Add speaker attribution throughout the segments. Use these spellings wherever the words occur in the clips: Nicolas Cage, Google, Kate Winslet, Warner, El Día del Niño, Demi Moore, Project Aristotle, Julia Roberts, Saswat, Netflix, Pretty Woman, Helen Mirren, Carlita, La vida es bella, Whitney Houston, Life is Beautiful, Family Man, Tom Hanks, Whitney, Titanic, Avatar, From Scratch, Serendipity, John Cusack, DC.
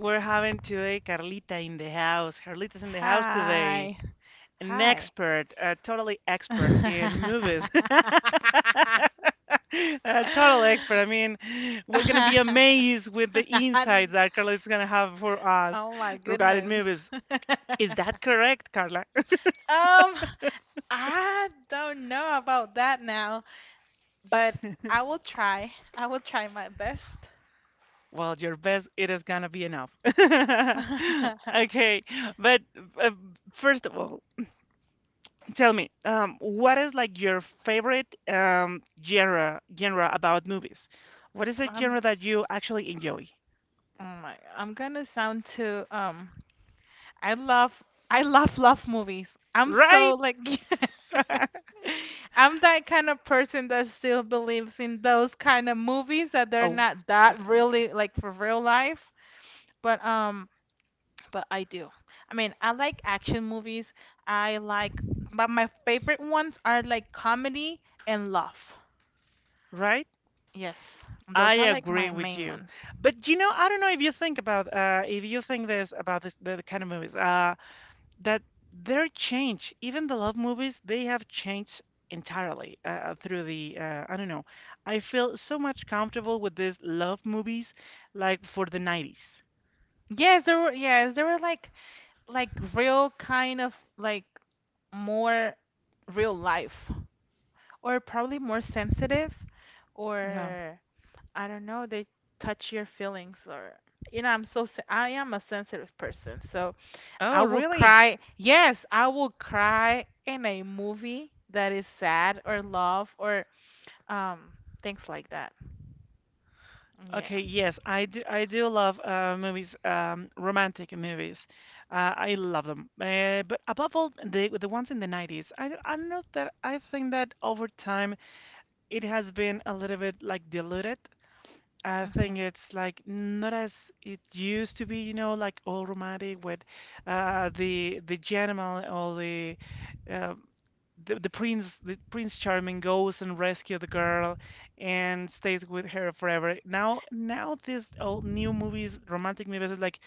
Speaker 1: We're having today Carlita in the house. Carlita's in the house today.
Speaker 2: Hi.
Speaker 1: An
Speaker 2: Hi.
Speaker 1: expert, a totally expert in movies. A total expert. I mean, we're gonna be amazed with the insights that Carlita's gonna have for us
Speaker 2: oh my
Speaker 1: regarding
Speaker 2: goodness.
Speaker 1: movies. Is that correct, Carla?
Speaker 2: um, I don't know about that now, but I will try. I will try my best.
Speaker 1: Well, your best, it is gonna be enough. Okay, but uh, first of all, tell me, what is like your favorite genre about movies? What is a
Speaker 2: I'm
Speaker 1: genre that you actually enjoy?
Speaker 2: I'm gonna sound too I love I love love movies. I'm
Speaker 1: Right?
Speaker 2: so like I'm that kind of person that still believes in those kind of movies that they're
Speaker 1: Oh,
Speaker 2: not that
Speaker 1: definitely.
Speaker 2: really like for real life. But um, but I do. I mean, I like action movies. I like, but my favorite ones are like comedy and love.
Speaker 1: Right?
Speaker 2: Yes,
Speaker 1: I
Speaker 2: those are like my
Speaker 1: agree with
Speaker 2: main
Speaker 1: you.
Speaker 2: ones.
Speaker 1: But you know, I don't know if you think about if you think this about the kind of movies that they're changed. Even the love movies, they have changed entirely through the I don't know. I feel so much comfortable with these love movies like for the 90s.
Speaker 2: Yes, there were like real kind of like more real life or probably more sensitive
Speaker 1: Yeah.
Speaker 2: or I don't know, they touch your feelings or you know, I am a sensitive person. So, I
Speaker 1: Oh,
Speaker 2: will
Speaker 1: really?
Speaker 2: cry. Yes, I will cry in a movie that is sad or love or um things like that. Yeah.
Speaker 1: Okay, yes, I do. I do love movies, romantic movies. I love them. But above all, the ones in the 90s. I don't know that I think that over time it has been a little bit like diluted. I think
Speaker 2: Mhm.
Speaker 1: it's like not as it used to be, you know, like all romantic with the gentleman or uh, the prince charming goes and rescues the girl and stays with her forever. Now now these old new movies, romantic movies, is like,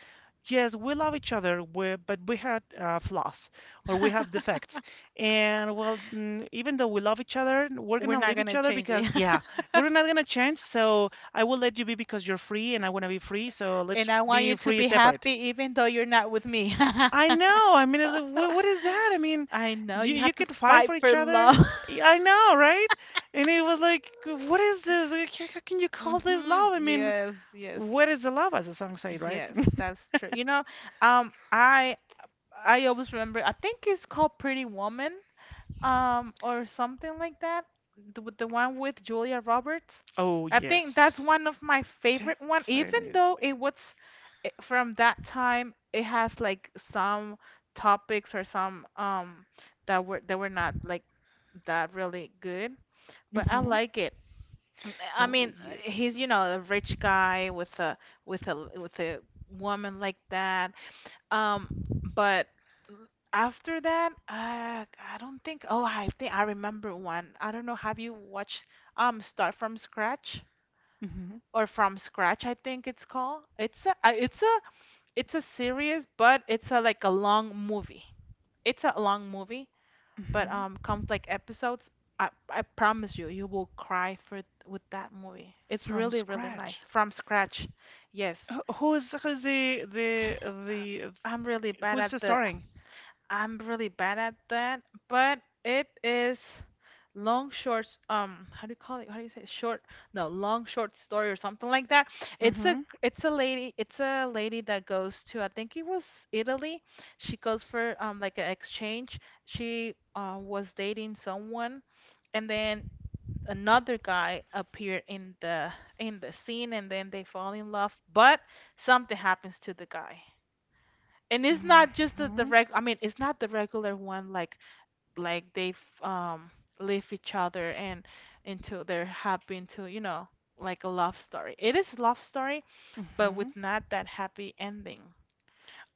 Speaker 1: yes, we love each other, but we had flaws or we have defects, and well, even though we love each other, we're
Speaker 2: We're
Speaker 1: gonna
Speaker 2: not
Speaker 1: leave
Speaker 2: going
Speaker 1: each
Speaker 2: to
Speaker 1: other
Speaker 2: change
Speaker 1: because,
Speaker 2: it.
Speaker 1: yeah, we're not gonna change. So I will let you be because you're free, and I want to be free, so let's
Speaker 2: And I want
Speaker 1: be
Speaker 2: you to
Speaker 1: free,
Speaker 2: be
Speaker 1: separate.
Speaker 2: happy even though you're not with me.
Speaker 1: I know. I mean, what is that? I mean,
Speaker 2: I know
Speaker 1: you
Speaker 2: you
Speaker 1: you
Speaker 2: have to
Speaker 1: could fight
Speaker 2: fight
Speaker 1: for each
Speaker 2: for
Speaker 1: other.
Speaker 2: love.
Speaker 1: I know, right? And it was like, what is this? Like, how can you call this
Speaker 2: mhm.
Speaker 1: love? I mean,
Speaker 2: Yes, yes.
Speaker 1: where is the love, as the song said, right?
Speaker 2: Yes, that's true. You know, um, I always remember. I think it's called Pretty Woman, or something like that. The, with the one with Julia Roberts.
Speaker 1: Oh
Speaker 2: I think that's
Speaker 1: yes,
Speaker 2: one of my favorite one. Even
Speaker 1: definitely.
Speaker 2: though it was from that time, it has like some topics or some that were not like that really good. But I
Speaker 1: Hmm.
Speaker 2: like it. I
Speaker 1: Oh
Speaker 2: mean,
Speaker 1: yes.
Speaker 2: he's, you know, a rich guy with a woman like that. Um, but after that, I don't think. Oh, I think I remember one. I don't know. Have you watched Start from Scratch
Speaker 1: Hmm.
Speaker 2: or From Scratch? I think it's called. It's a it's a it's a series, but it's a like a long movie. It's a long movie. But
Speaker 1: Hmm.
Speaker 2: comes like episodes. I promise you, you will cry for with that movie. It's
Speaker 1: From
Speaker 2: really, really
Speaker 1: scratch.
Speaker 2: nice from scratch. Yes,
Speaker 1: Who's who's the the
Speaker 2: Uh, I'm
Speaker 1: the
Speaker 2: really bad
Speaker 1: who's
Speaker 2: at
Speaker 1: the
Speaker 2: the.
Speaker 1: starring?
Speaker 2: I'm really bad at that, but it is long short. How do you call it? How do you say it? Short? No, long short story or something like that.
Speaker 1: Mm-hmm.
Speaker 2: It's a lady. It's a lady that goes to I think it was Italy. She goes for like an exchange. She was dating someone and then another guy appear in the scene and then they fall in love but something happens to the guy and it's not just the
Speaker 1: Mm-hmm.
Speaker 2: reg I mean it's not the regular one like they've leave each other and until they're happy into you know like a love story it is love story but
Speaker 1: Mm-hmm.
Speaker 2: with not that happy ending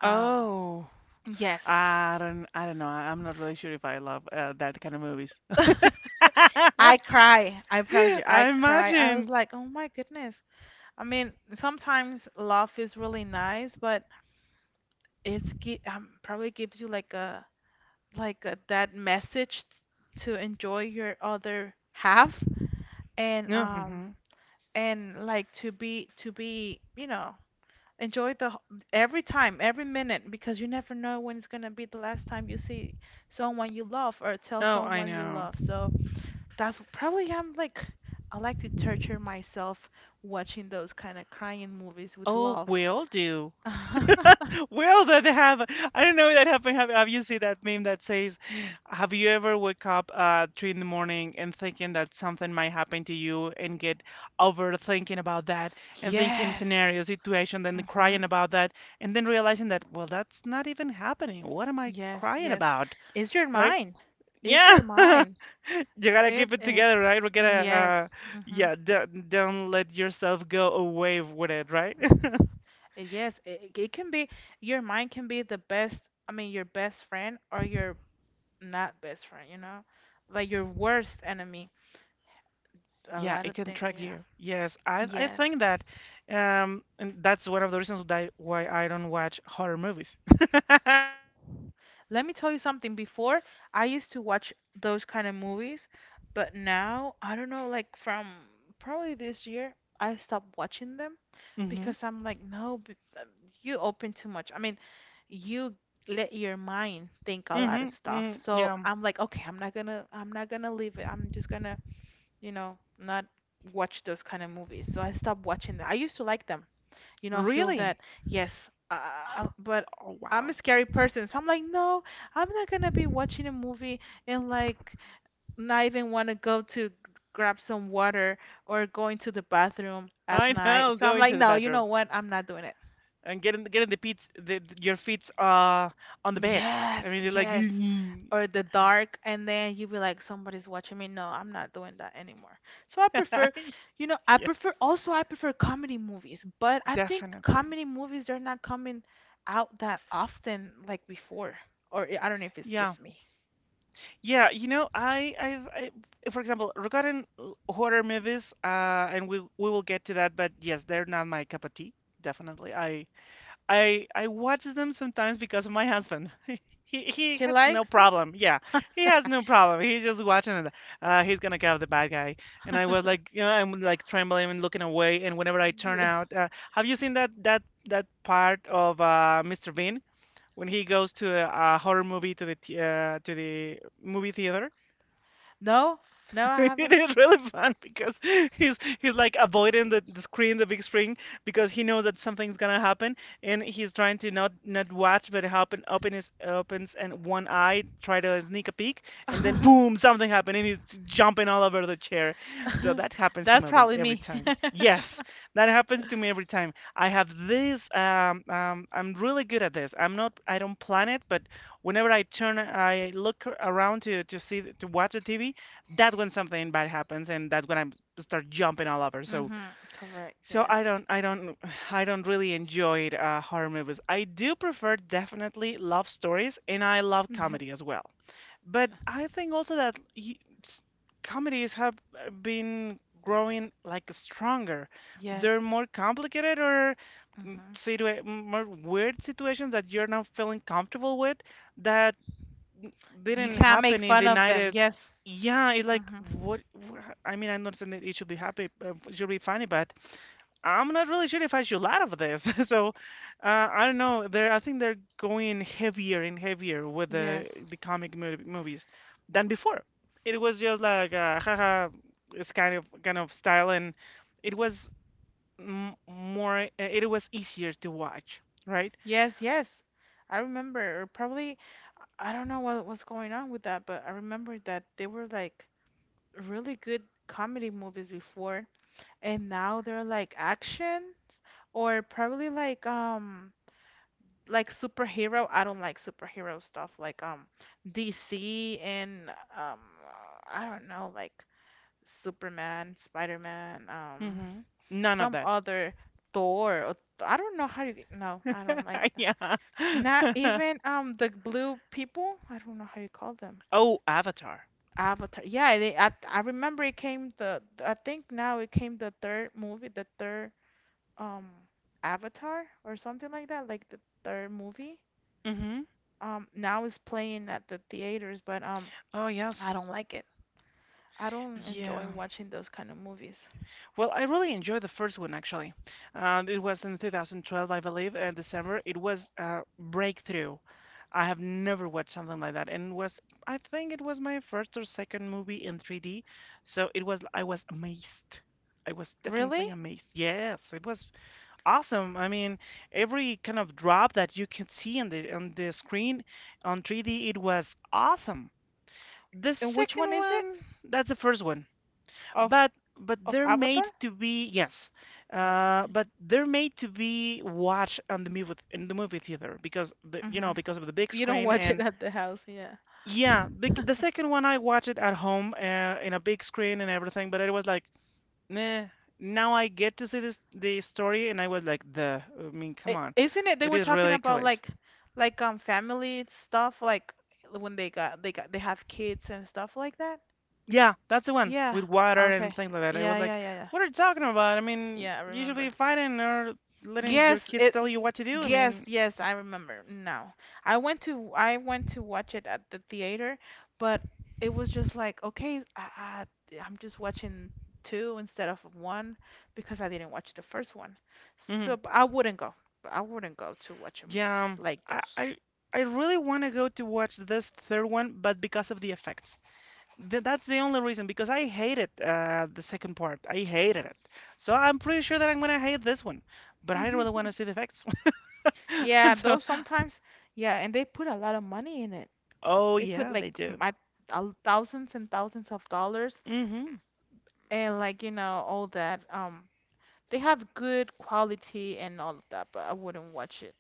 Speaker 2: um
Speaker 1: Oh.
Speaker 2: yes
Speaker 1: I don't know. I'm not really sure if I love that kind of movies.
Speaker 2: I cry. I promise you,
Speaker 1: I
Speaker 2: I cry. I was
Speaker 1: imagine.
Speaker 2: like, oh my goodness. I mean, sometimes love is really nice, but probably gives you like a, to enjoy your other half and
Speaker 1: No,
Speaker 2: um
Speaker 1: hmm.
Speaker 2: and like to be, you know, every time, every minute because you never know when it's gonna be the last time you see someone you love or tell
Speaker 1: Oh, I
Speaker 2: someone you
Speaker 1: know.
Speaker 2: love. So that's probably I'm like I like to torture myself watching those kind of crying movies with
Speaker 1: Oh,
Speaker 2: love.
Speaker 1: will do. Will that they have? I don't know if that happened. Have you seen that meme that says, "Have you ever wake up three in the morning and thinking that something might happen to you and get overthinking about that and thinking
Speaker 2: Yes.
Speaker 1: scenario, situation, then
Speaker 2: hmm
Speaker 1: crying about that and then realizing that, well, that's not even happening. What am I
Speaker 2: Yes,
Speaker 1: crying
Speaker 2: yes.
Speaker 1: about?"
Speaker 2: Is your
Speaker 1: Right?
Speaker 2: mind? Is
Speaker 1: Yeah,
Speaker 2: your mind?
Speaker 1: you gotta
Speaker 2: It
Speaker 1: keep it
Speaker 2: is.
Speaker 1: together, right? We
Speaker 2: Mm,
Speaker 1: gotta,
Speaker 2: Yes. hmm
Speaker 1: yeah, don't let yourself go away with it, right?
Speaker 2: Yes, it can be your mind can be the best, I mean your best friend or your not best friend, you know? Like your worst enemy. A
Speaker 1: Yeah,
Speaker 2: lot
Speaker 1: it
Speaker 2: of
Speaker 1: can
Speaker 2: things,
Speaker 1: track
Speaker 2: yeah.
Speaker 1: you. Yes, I
Speaker 2: Yes.
Speaker 1: think that, and that's one of the reasons that why I don't watch horror movies.
Speaker 2: Let me tell you something. Before, I used to watch those kind of movies, but now, I don't know, like from probably this year, I stopped watching them
Speaker 1: Mm-hmm.
Speaker 2: because I'm like, no, you open too much. I mean, you let your mind think a lot of
Speaker 1: Mm-hmm.
Speaker 2: stuff.
Speaker 1: Mm-hmm.
Speaker 2: So
Speaker 1: Yeah.
Speaker 2: I'm like, okay, I'm not gonna leave it. I'm just gonna, you know, not watch those kind of movies. So I stopped watching them. I used to like them you know, feel
Speaker 1: Really?
Speaker 2: that, yes, but
Speaker 1: Oh
Speaker 2: I'm a
Speaker 1: wow.
Speaker 2: scary person. So I'm like, no, I'm not gonna be watching a movie and like not even want to go to grab some water or going to the bathroom at
Speaker 1: I
Speaker 2: night.
Speaker 1: know.
Speaker 2: So I'm
Speaker 1: Going
Speaker 2: like,
Speaker 1: to the
Speaker 2: no, you know
Speaker 1: bathroom
Speaker 2: what? I'm not doing it.
Speaker 1: and getting the feet, your feet on the bed. I
Speaker 2: Yes,
Speaker 1: mean, you're like,
Speaker 2: yes. Or the dark, and then you be like, somebody's watching me. No, I'm not doing that anymore. So I prefer, you know,
Speaker 1: yes,
Speaker 2: I prefer comedy movies, but I think
Speaker 1: definitely.
Speaker 2: comedy movies are not coming out that often like before. Or I don't know if it's
Speaker 1: Yeah.
Speaker 2: just me.
Speaker 1: Yeah, you know, I, for example, regarding horror movies, and we will get to that, but yes, they're not my cup of tea, definitely. I watch them sometimes because of my husband. He
Speaker 2: He
Speaker 1: has no
Speaker 2: likes them?
Speaker 1: problem. Yeah, he has no problem. He's just watching it. He's gonna go the bad guy, and I was like, you know, I'm like trembling and looking away. And whenever I turn
Speaker 2: Yeah.
Speaker 1: out, have you seen that part of Mr. Bean? When he goes to a horror movie to to the movie theater,
Speaker 2: No, no, I
Speaker 1: it
Speaker 2: haven't.
Speaker 1: is really fun because he's like avoiding the screen, the big screen, because he knows that something's gonna happen, and he's trying to not watch, but happen open his opens and one eye, try to sneak a peek, and then boom, something happened, and he's jumping all over the chair. So that happens to me
Speaker 2: That's probably
Speaker 1: every
Speaker 2: me.
Speaker 1: time. Yes, that happens to me every time. I have this. I'm really good at this. I'm not. I don't plan it, but whenever I turn, I look around to see to watch the TV. That's when something bad happens, and that's when I start jumping all over. So
Speaker 2: Mm-hmm. Correct.
Speaker 1: so
Speaker 2: Yes.
Speaker 1: I don't I don't really enjoy horror movies. I do prefer definitely love stories, and I love
Speaker 2: Yep.
Speaker 1: comedy as well. But I think also that s- comedies have been growing like stronger. They're
Speaker 2: Yes.
Speaker 1: more complicated or,
Speaker 2: Mm-hmm.
Speaker 1: more weird situations that you're not feeling comfortable with, that n-
Speaker 2: You
Speaker 1: didn't
Speaker 2: cannot make
Speaker 1: happen in
Speaker 2: fun
Speaker 1: the
Speaker 2: of them.
Speaker 1: 90s.
Speaker 2: Yes.
Speaker 1: Yeah, it like what, I mean, I'm not saying that it should be happy, it should be funny, but I'm not really sure if I should laugh at this. So I don't know. They're I think they're going heavier and heavier with the
Speaker 2: Yes.
Speaker 1: the comic movies than before. It was just like haha, it's kind of style, and it was m more. It was easier to watch, right?
Speaker 2: Yes, yes. I remember, or probably, I don't know what was going on with that, but I remember that they were like really good comedy movies before, and now they're like actions or probably like superhero. I don't like superhero stuff like DC and um I don't know like Superman, Spider-Man,
Speaker 1: Hmm. None of
Speaker 2: some
Speaker 1: that.
Speaker 2: other Thor or I don't know how you no, I don't like
Speaker 1: Yeah.
Speaker 2: Not even the blue people. I don't know how you call them.
Speaker 1: Oh, Avatar.
Speaker 2: Avatar. Yeah, they, I remember it came the I think now it came the third movie, the third um Avatar or something like that, like the third movie.
Speaker 1: Hmm.
Speaker 2: Now it's playing at the theaters, but
Speaker 1: Oh,
Speaker 2: I
Speaker 1: yes.
Speaker 2: don't like it. I don't enjoy
Speaker 1: Yeah.
Speaker 2: watching those kind of movies.
Speaker 1: Well, I really enjoyed the first one actually. It was in 2012, I believe, in December. It was a breakthrough. I have never watched something like that, and was I think it was my first or second movie in 3D. So it was I was amazed. I was
Speaker 2: Really?
Speaker 1: definitely amazed. Yes, it was awesome. I mean, every kind of drop that you can see on the screen on 3D, it was awesome. The
Speaker 2: And which
Speaker 1: second
Speaker 2: one is it?
Speaker 1: one, that's the first one,
Speaker 2: Of
Speaker 1: but but
Speaker 2: of
Speaker 1: they're
Speaker 2: Avatar?
Speaker 1: made to be, yes,
Speaker 2: Okay.
Speaker 1: but they're made to be watched on the movie theater because you know,
Speaker 2: Mhm.
Speaker 1: because of the big
Speaker 2: You don't
Speaker 1: screen.
Speaker 2: watch it
Speaker 1: And
Speaker 2: at the house, yeah.
Speaker 1: yeah, the second one I watched it at home in a big screen and everything, but it was like, nah. Now I get to see this the story, and I was like, the I mean, come
Speaker 2: I-
Speaker 1: on,
Speaker 2: Isn't it they
Speaker 1: it
Speaker 2: were
Speaker 1: is
Speaker 2: talking about
Speaker 1: ridiculous.
Speaker 2: like family stuff like when they got they got they have kids and stuff like that?
Speaker 1: Yeah, that's the one
Speaker 2: Yeah.
Speaker 1: with water and
Speaker 2: Okay.
Speaker 1: things like that. I was
Speaker 2: Yeah, yeah,
Speaker 1: like,
Speaker 2: yeah, yeah.
Speaker 1: what are you talking about? I mean,
Speaker 2: Yeah, I
Speaker 1: you should be
Speaker 2: remember.
Speaker 1: fighting or letting your
Speaker 2: Yes,
Speaker 1: kids
Speaker 2: it
Speaker 1: tell you
Speaker 2: y-
Speaker 1: what to do. I
Speaker 2: yes,
Speaker 1: mean,
Speaker 2: yes, I remember. Now. I went to watch it at the theater, but it was just like, okay, I'm just watching two instead of one because I didn't watch the first one. So
Speaker 1: mhm.
Speaker 2: but I wouldn't go. But I wouldn't go to watch a
Speaker 1: Yeah,
Speaker 2: movie like
Speaker 1: I,
Speaker 2: those.
Speaker 1: I, I really want to go to watch this third one, but because of the effects. Th That's the only reason, because I hated the second part. I hated it. So I'm pretty sure that I'm gonna hate this one, but I really want to see the effects.
Speaker 2: Yeah,
Speaker 1: So,
Speaker 2: those sometimes, yeah, and they put a lot of money in it.
Speaker 1: oh
Speaker 2: They put
Speaker 1: yeah,
Speaker 2: like
Speaker 1: they do.
Speaker 2: my thousands and thousands of dollars
Speaker 1: Hmm.
Speaker 2: and like, you know, all that. They have good quality and all of that, but I wouldn't watch it.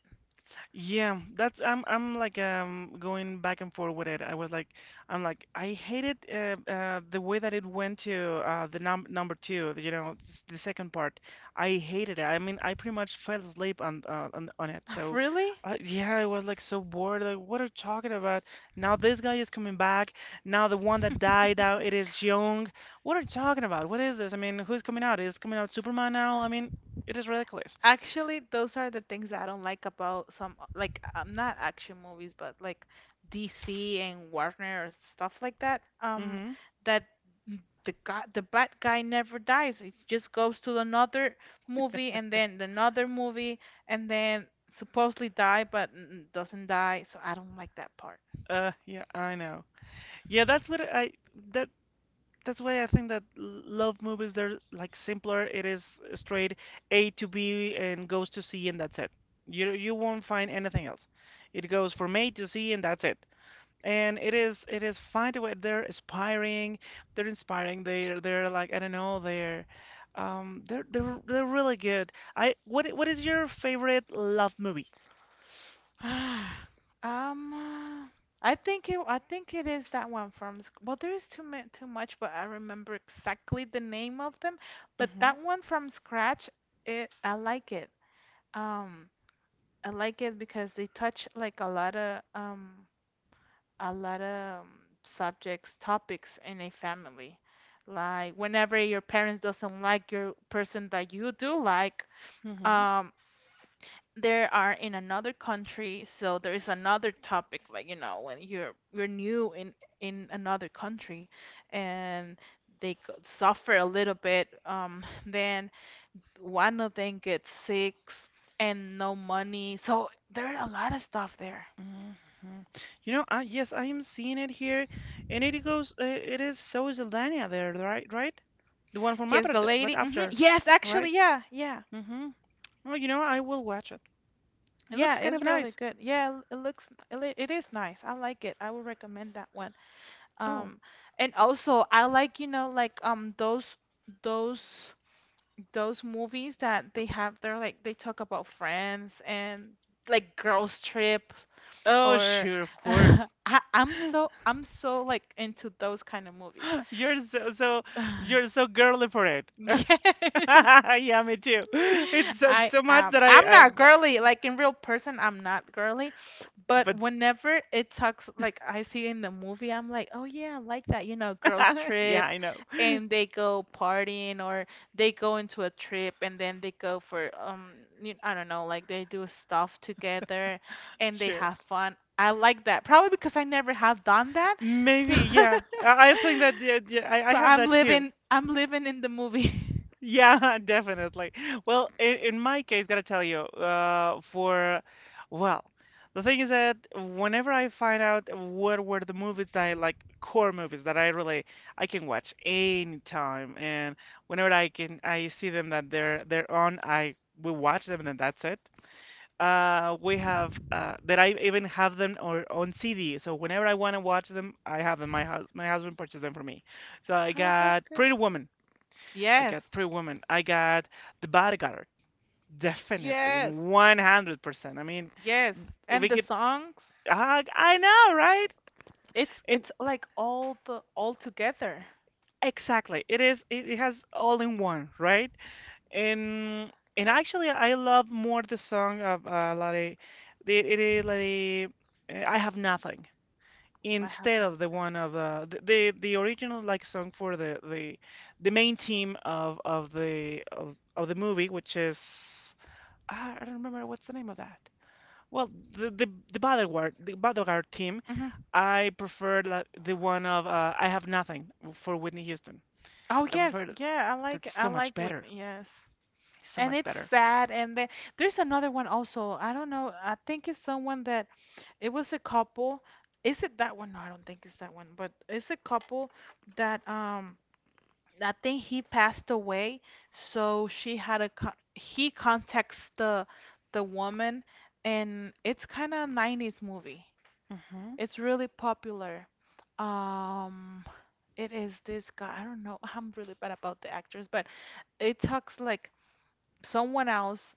Speaker 1: Yeah, that's I'm like, um, going back and forth with it. I was like, I hated the way that it went to the number two, you know, the second part. I hated it. I mean, I pretty much fell asleep on on it. So,
Speaker 2: Really?
Speaker 1: yeah, I was like so bored. Like, what are you talking about? Now this guy is coming back. Now the one that died out, it is young. What are you talking about? What is this? I mean, who's coming out? Is coming out Superman now? I mean, it is ridiculous.
Speaker 2: Actually, those are the things I don't like about some like not action movies, but like DC and Warner or stuff like that.
Speaker 1: Mm-hmm.
Speaker 2: That the guy, the bad guy never dies. It just goes to another movie and then another movie and then supposedly die, but doesn't die. So I don't like that part.
Speaker 1: Yeah, I know. Yeah, that's what I that that's why I think that love movies, they're like simpler. It is straight A to B and goes to C, and that's it. You won't find anything else. It goes from A to C, and that's it. And it is, it is fine the way they're inspiring. They're inspiring. They're like, I don't know. They're, they're they're really good. I, what is your favorite love movie?
Speaker 2: Um, uh, I think it is that one from, well, there is too ma too much, but I remember exactly the name of them. But
Speaker 1: Mm-hmm.
Speaker 2: that one from scratch, it, I like it. Um, I like it because they touch like a lot of subjects, topics in a family. Like whenever your parents doesn't like your person that you do like, um, they are in another country, so there is another topic, like, you know, when you're new in another country and they could suffer a little bit, then one of them gets sick and no money. So there are a lot of stuff there.
Speaker 1: Mhm. You know, I, yes, I am seeing it here, and it goes. It is so Zelania there, right? Right? The one from
Speaker 2: Yes, the
Speaker 1: Avatar, but
Speaker 2: lady. Hmm
Speaker 1: after,
Speaker 2: Yes, actually,
Speaker 1: right?
Speaker 2: yeah, yeah,
Speaker 1: Mm-hmm. Oh, you know, I will watch it. It looks
Speaker 2: yeah.
Speaker 1: kind
Speaker 2: It's
Speaker 1: of
Speaker 2: really
Speaker 1: nice.
Speaker 2: good. Yeah, it is nice. I like it. I would recommend that one.
Speaker 1: Oh.
Speaker 2: Um, and also I like, you know, like those those movies that they have they're like they talk about friends and like girls trip
Speaker 1: Oh,
Speaker 2: or
Speaker 1: sure, of course.
Speaker 2: I'm so like into those kind of movies.
Speaker 1: You're so you're so girly for it.
Speaker 2: Yes.
Speaker 1: Yeah, me too. It's so,
Speaker 2: I
Speaker 1: so much
Speaker 2: am.
Speaker 1: that
Speaker 2: I'm not girly. Like in real person, I'm not girly. But
Speaker 1: but
Speaker 2: whenever it talks, like I see in the movie, I'm like, oh yeah, I like that. You know, girls
Speaker 1: yeah,
Speaker 2: trip
Speaker 1: I know.
Speaker 2: and they go partying or they go into a trip and then they go for, you, I don't know, like they do stuff together and they
Speaker 1: Sure.
Speaker 2: have fun. I like that. Probably because I never have done that. So,
Speaker 1: Maybe, yeah. I think that, yeah, yeah, I
Speaker 2: so
Speaker 1: have that too.
Speaker 2: I'm living in the movie.
Speaker 1: Yeah, definitely. Well, in my case, gotta tell you, well, the thing is that whenever I find out what were the movies that I like, core movies that I can watch anytime, and whenever I can, I see them that they're on, I will watch them, and then that's it. We have that I even have them or on CD, so whenever I want to watch them, I have them. My husband purchased them for me. So I
Speaker 2: Oh, that's
Speaker 1: got
Speaker 2: good.
Speaker 1: Pretty Woman.
Speaker 2: Yes.
Speaker 1: I got The Bodyguard. Definitely,
Speaker 2: Yes,
Speaker 1: in 100%. I mean,
Speaker 2: yes.
Speaker 1: if
Speaker 2: And
Speaker 1: we
Speaker 2: the
Speaker 1: could,
Speaker 2: songs,
Speaker 1: I know, right? And
Speaker 2: it's like all the all together.
Speaker 1: exactly, it is. It has all in one, right? And and actually, I love more the song of Lade. The it is Lade. I Have Nothing,
Speaker 2: I have
Speaker 1: instead of the
Speaker 2: nothing.
Speaker 1: one of the original, like, song for the main team of the movie, which is. Ah, I don't remember what's the name of that. Well, the bodyguard theme.
Speaker 2: Hmm
Speaker 1: I prefer the one of I Have Nothing, for Whitney Houston.
Speaker 2: Oh
Speaker 1: I
Speaker 2: yes,
Speaker 1: prefer th-
Speaker 2: yeah.
Speaker 1: that's
Speaker 2: I
Speaker 1: so much
Speaker 2: like
Speaker 1: better.
Speaker 2: Whitney. Yes,
Speaker 1: So
Speaker 2: and
Speaker 1: much
Speaker 2: it's
Speaker 1: better.
Speaker 2: sad. And then there's another one also. I don't know. I think it's someone that it was a couple. Is it that one? No, I don't think it's that one. But it's a couple that I think he passed away, so she had a co he contacts the woman, and it's kind of 90s movie.
Speaker 1: Hmm.
Speaker 2: It's really popular. Um, it is this guy. I don't know. I'm really bad about the actors, but it talks like someone else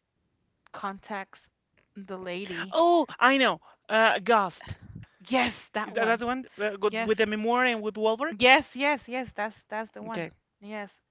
Speaker 2: contacts the lady.
Speaker 1: Oh, I know. Ghost.
Speaker 2: Yes, that
Speaker 1: Is that that's
Speaker 2: one.
Speaker 1: the one with
Speaker 2: Yes,
Speaker 1: Demi Moore and with Wahlberg?
Speaker 2: yes, yes, yes. That's the one.
Speaker 1: Okay.
Speaker 2: Yes,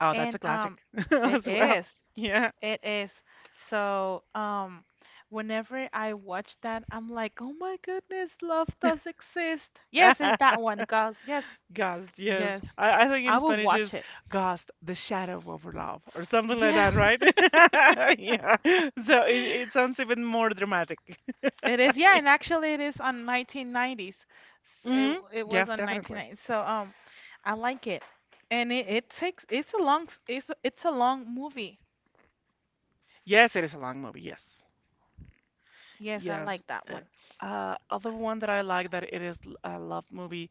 Speaker 1: Oh, that's
Speaker 2: and
Speaker 1: a classic
Speaker 2: it
Speaker 1: as well.
Speaker 2: is.
Speaker 1: Yeah.
Speaker 2: It is. So, whenever I watch that, I'm like, oh my goodness, love does exist. Yes, it's that one, girls. Yes,
Speaker 1: Ghost, yes.
Speaker 2: yes.
Speaker 1: I think in
Speaker 2: I will
Speaker 1: Spanish
Speaker 2: watch
Speaker 1: is
Speaker 2: it.
Speaker 1: Ghost, The Shadow of Love, or something like that,
Speaker 2: Yes,
Speaker 1: right? Yeah. So it, it sounds even more dramatic.
Speaker 2: it is. Yeah, and actually, it is on 1990s.
Speaker 1: Hmm.
Speaker 2: It was
Speaker 1: Yes,
Speaker 2: on
Speaker 1: definitely.
Speaker 2: 1990. So, I like it, and it's a it's a long movie.
Speaker 1: Yes, it is a long movie. Yes.
Speaker 2: Yes, I
Speaker 1: Yes.
Speaker 2: like that
Speaker 1: Uh,
Speaker 2: one.
Speaker 1: Other one that I like, that it is a love movie,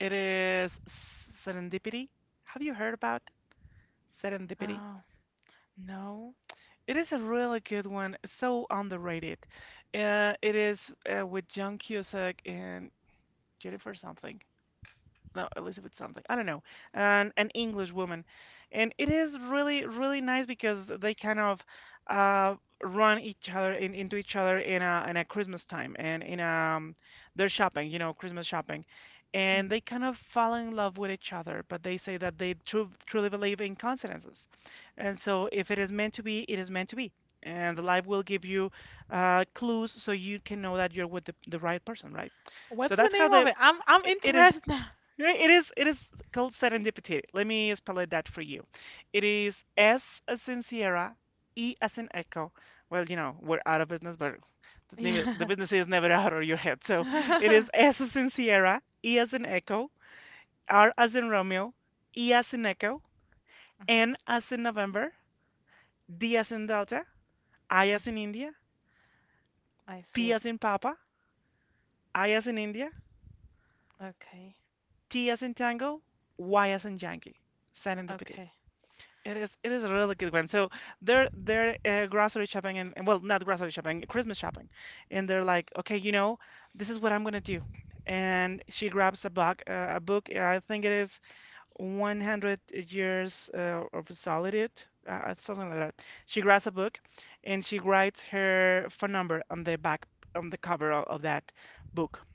Speaker 1: it is Serendipity. Have you heard about Serendipity?
Speaker 2: Oh no,
Speaker 1: It is a really good one, so underrated. It is with John Cusack and did it for something, no, Elizabeth something, I don't know, an English woman. And it is really, really nice because they kind of uh, run each other into each other in a Christmas time, and in their shopping, you know, Christmas shopping.
Speaker 2: Mm.
Speaker 1: And they kind of fall in love with each other, but they say that they truly believe in coincidences. And so if it is meant to be, it is meant to be, and the life will give you clues so you can know that you're with the right person, right?
Speaker 2: What's
Speaker 1: So
Speaker 2: the
Speaker 1: that's how
Speaker 2: name of
Speaker 1: the
Speaker 2: it? I'm
Speaker 1: it is.
Speaker 2: interested now.
Speaker 1: Yeah, It is, it is called Serendipity. Let me spell it that for you. It is S as in Sierra, E as in Echo. Well, you know, we're out of business, but the
Speaker 2: Yeah.
Speaker 1: business is never out of your head. So it
Speaker 2: Mhm,
Speaker 1: is S as in Sierra, E as in Echo, R as in Romeo, E as in Echo, N as in November, D as in Delta, I as
Speaker 2: mhm.
Speaker 1: in India,
Speaker 2: I see
Speaker 1: P
Speaker 2: it.
Speaker 1: as in Papa, I as in India,
Speaker 2: Okay.
Speaker 1: T as in Tango, Y as in Yankee. Serendipity.
Speaker 2: Okay.
Speaker 1: It is a really good one. So they're grocery shopping and well, not grocery shopping, Christmas shopping, and they're like, okay, you know, this is what I'm gonna do, and she grabs a book, I think it is One Hundred Years of Solitude, something like that. She grabs a book, and she writes her phone number on the back, on the cover of that book.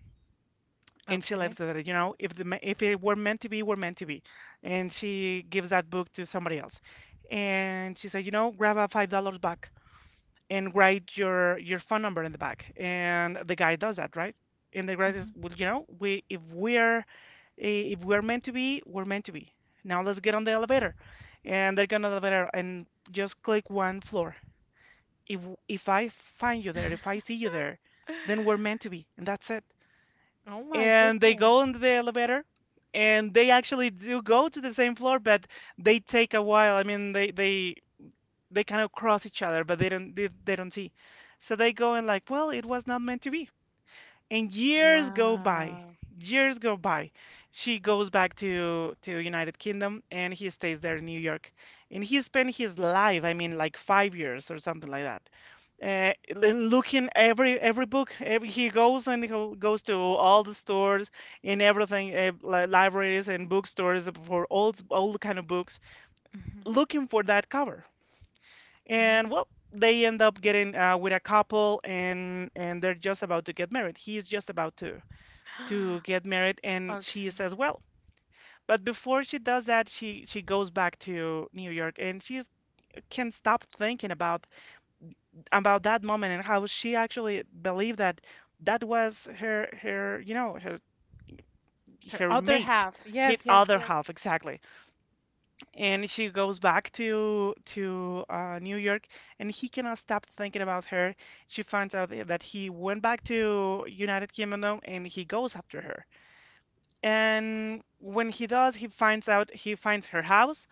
Speaker 1: And she lives
Speaker 2: Okay.
Speaker 1: that, you know, if the if it were meant to be, were meant to be. And she gives that book to somebody else, and she said, you know, grab a $5 back and write your phone number in the back, and the guy does that, right? And the guy
Speaker 2: Mhm.
Speaker 1: is, well, you know, we if we're if we're meant to be, we're meant to be. Now let's get on the elevator, and they're gonna elevator, and just click one floor. if if I find you there, if I see you there, then we're meant to be, and that's it.
Speaker 2: Oh my
Speaker 1: And they
Speaker 2: goodness.
Speaker 1: go into the elevator, and they actually do go to the same floor, but they take a while. I mean, they kind of cross each other, but they don't, they don't see. So they go, and like, well, it was not meant to be. And years go by,
Speaker 2: Wow.
Speaker 1: years go by. She goes back to United Kingdom, and he stays there in New York. And he spent his life, I mean, like 5 years or something like that. uh, and looking every book, every, he goes, and he goes to all the stores and everything. Libraries and bookstores for old old kind of books,
Speaker 2: Mhm,
Speaker 1: looking for that cover. And well, they end up getting with a couple, and they're just about to get married. He's just about to
Speaker 2: mhm.
Speaker 1: get married, and she
Speaker 2: Okay.
Speaker 1: says, well, but before she does that, she goes back to New York, and she can't stop thinking about that moment, and how she actually believed that that was her you know, her
Speaker 2: Her
Speaker 1: her
Speaker 2: other
Speaker 1: mate,
Speaker 2: half.
Speaker 1: his
Speaker 2: Yes, yes,
Speaker 1: other
Speaker 2: yes.
Speaker 1: half, exactly. And she goes back to New York, and he cannot stop thinking about her. She finds out that he went back to United Kingdom, and he goes after her. And when he does, he finds her house,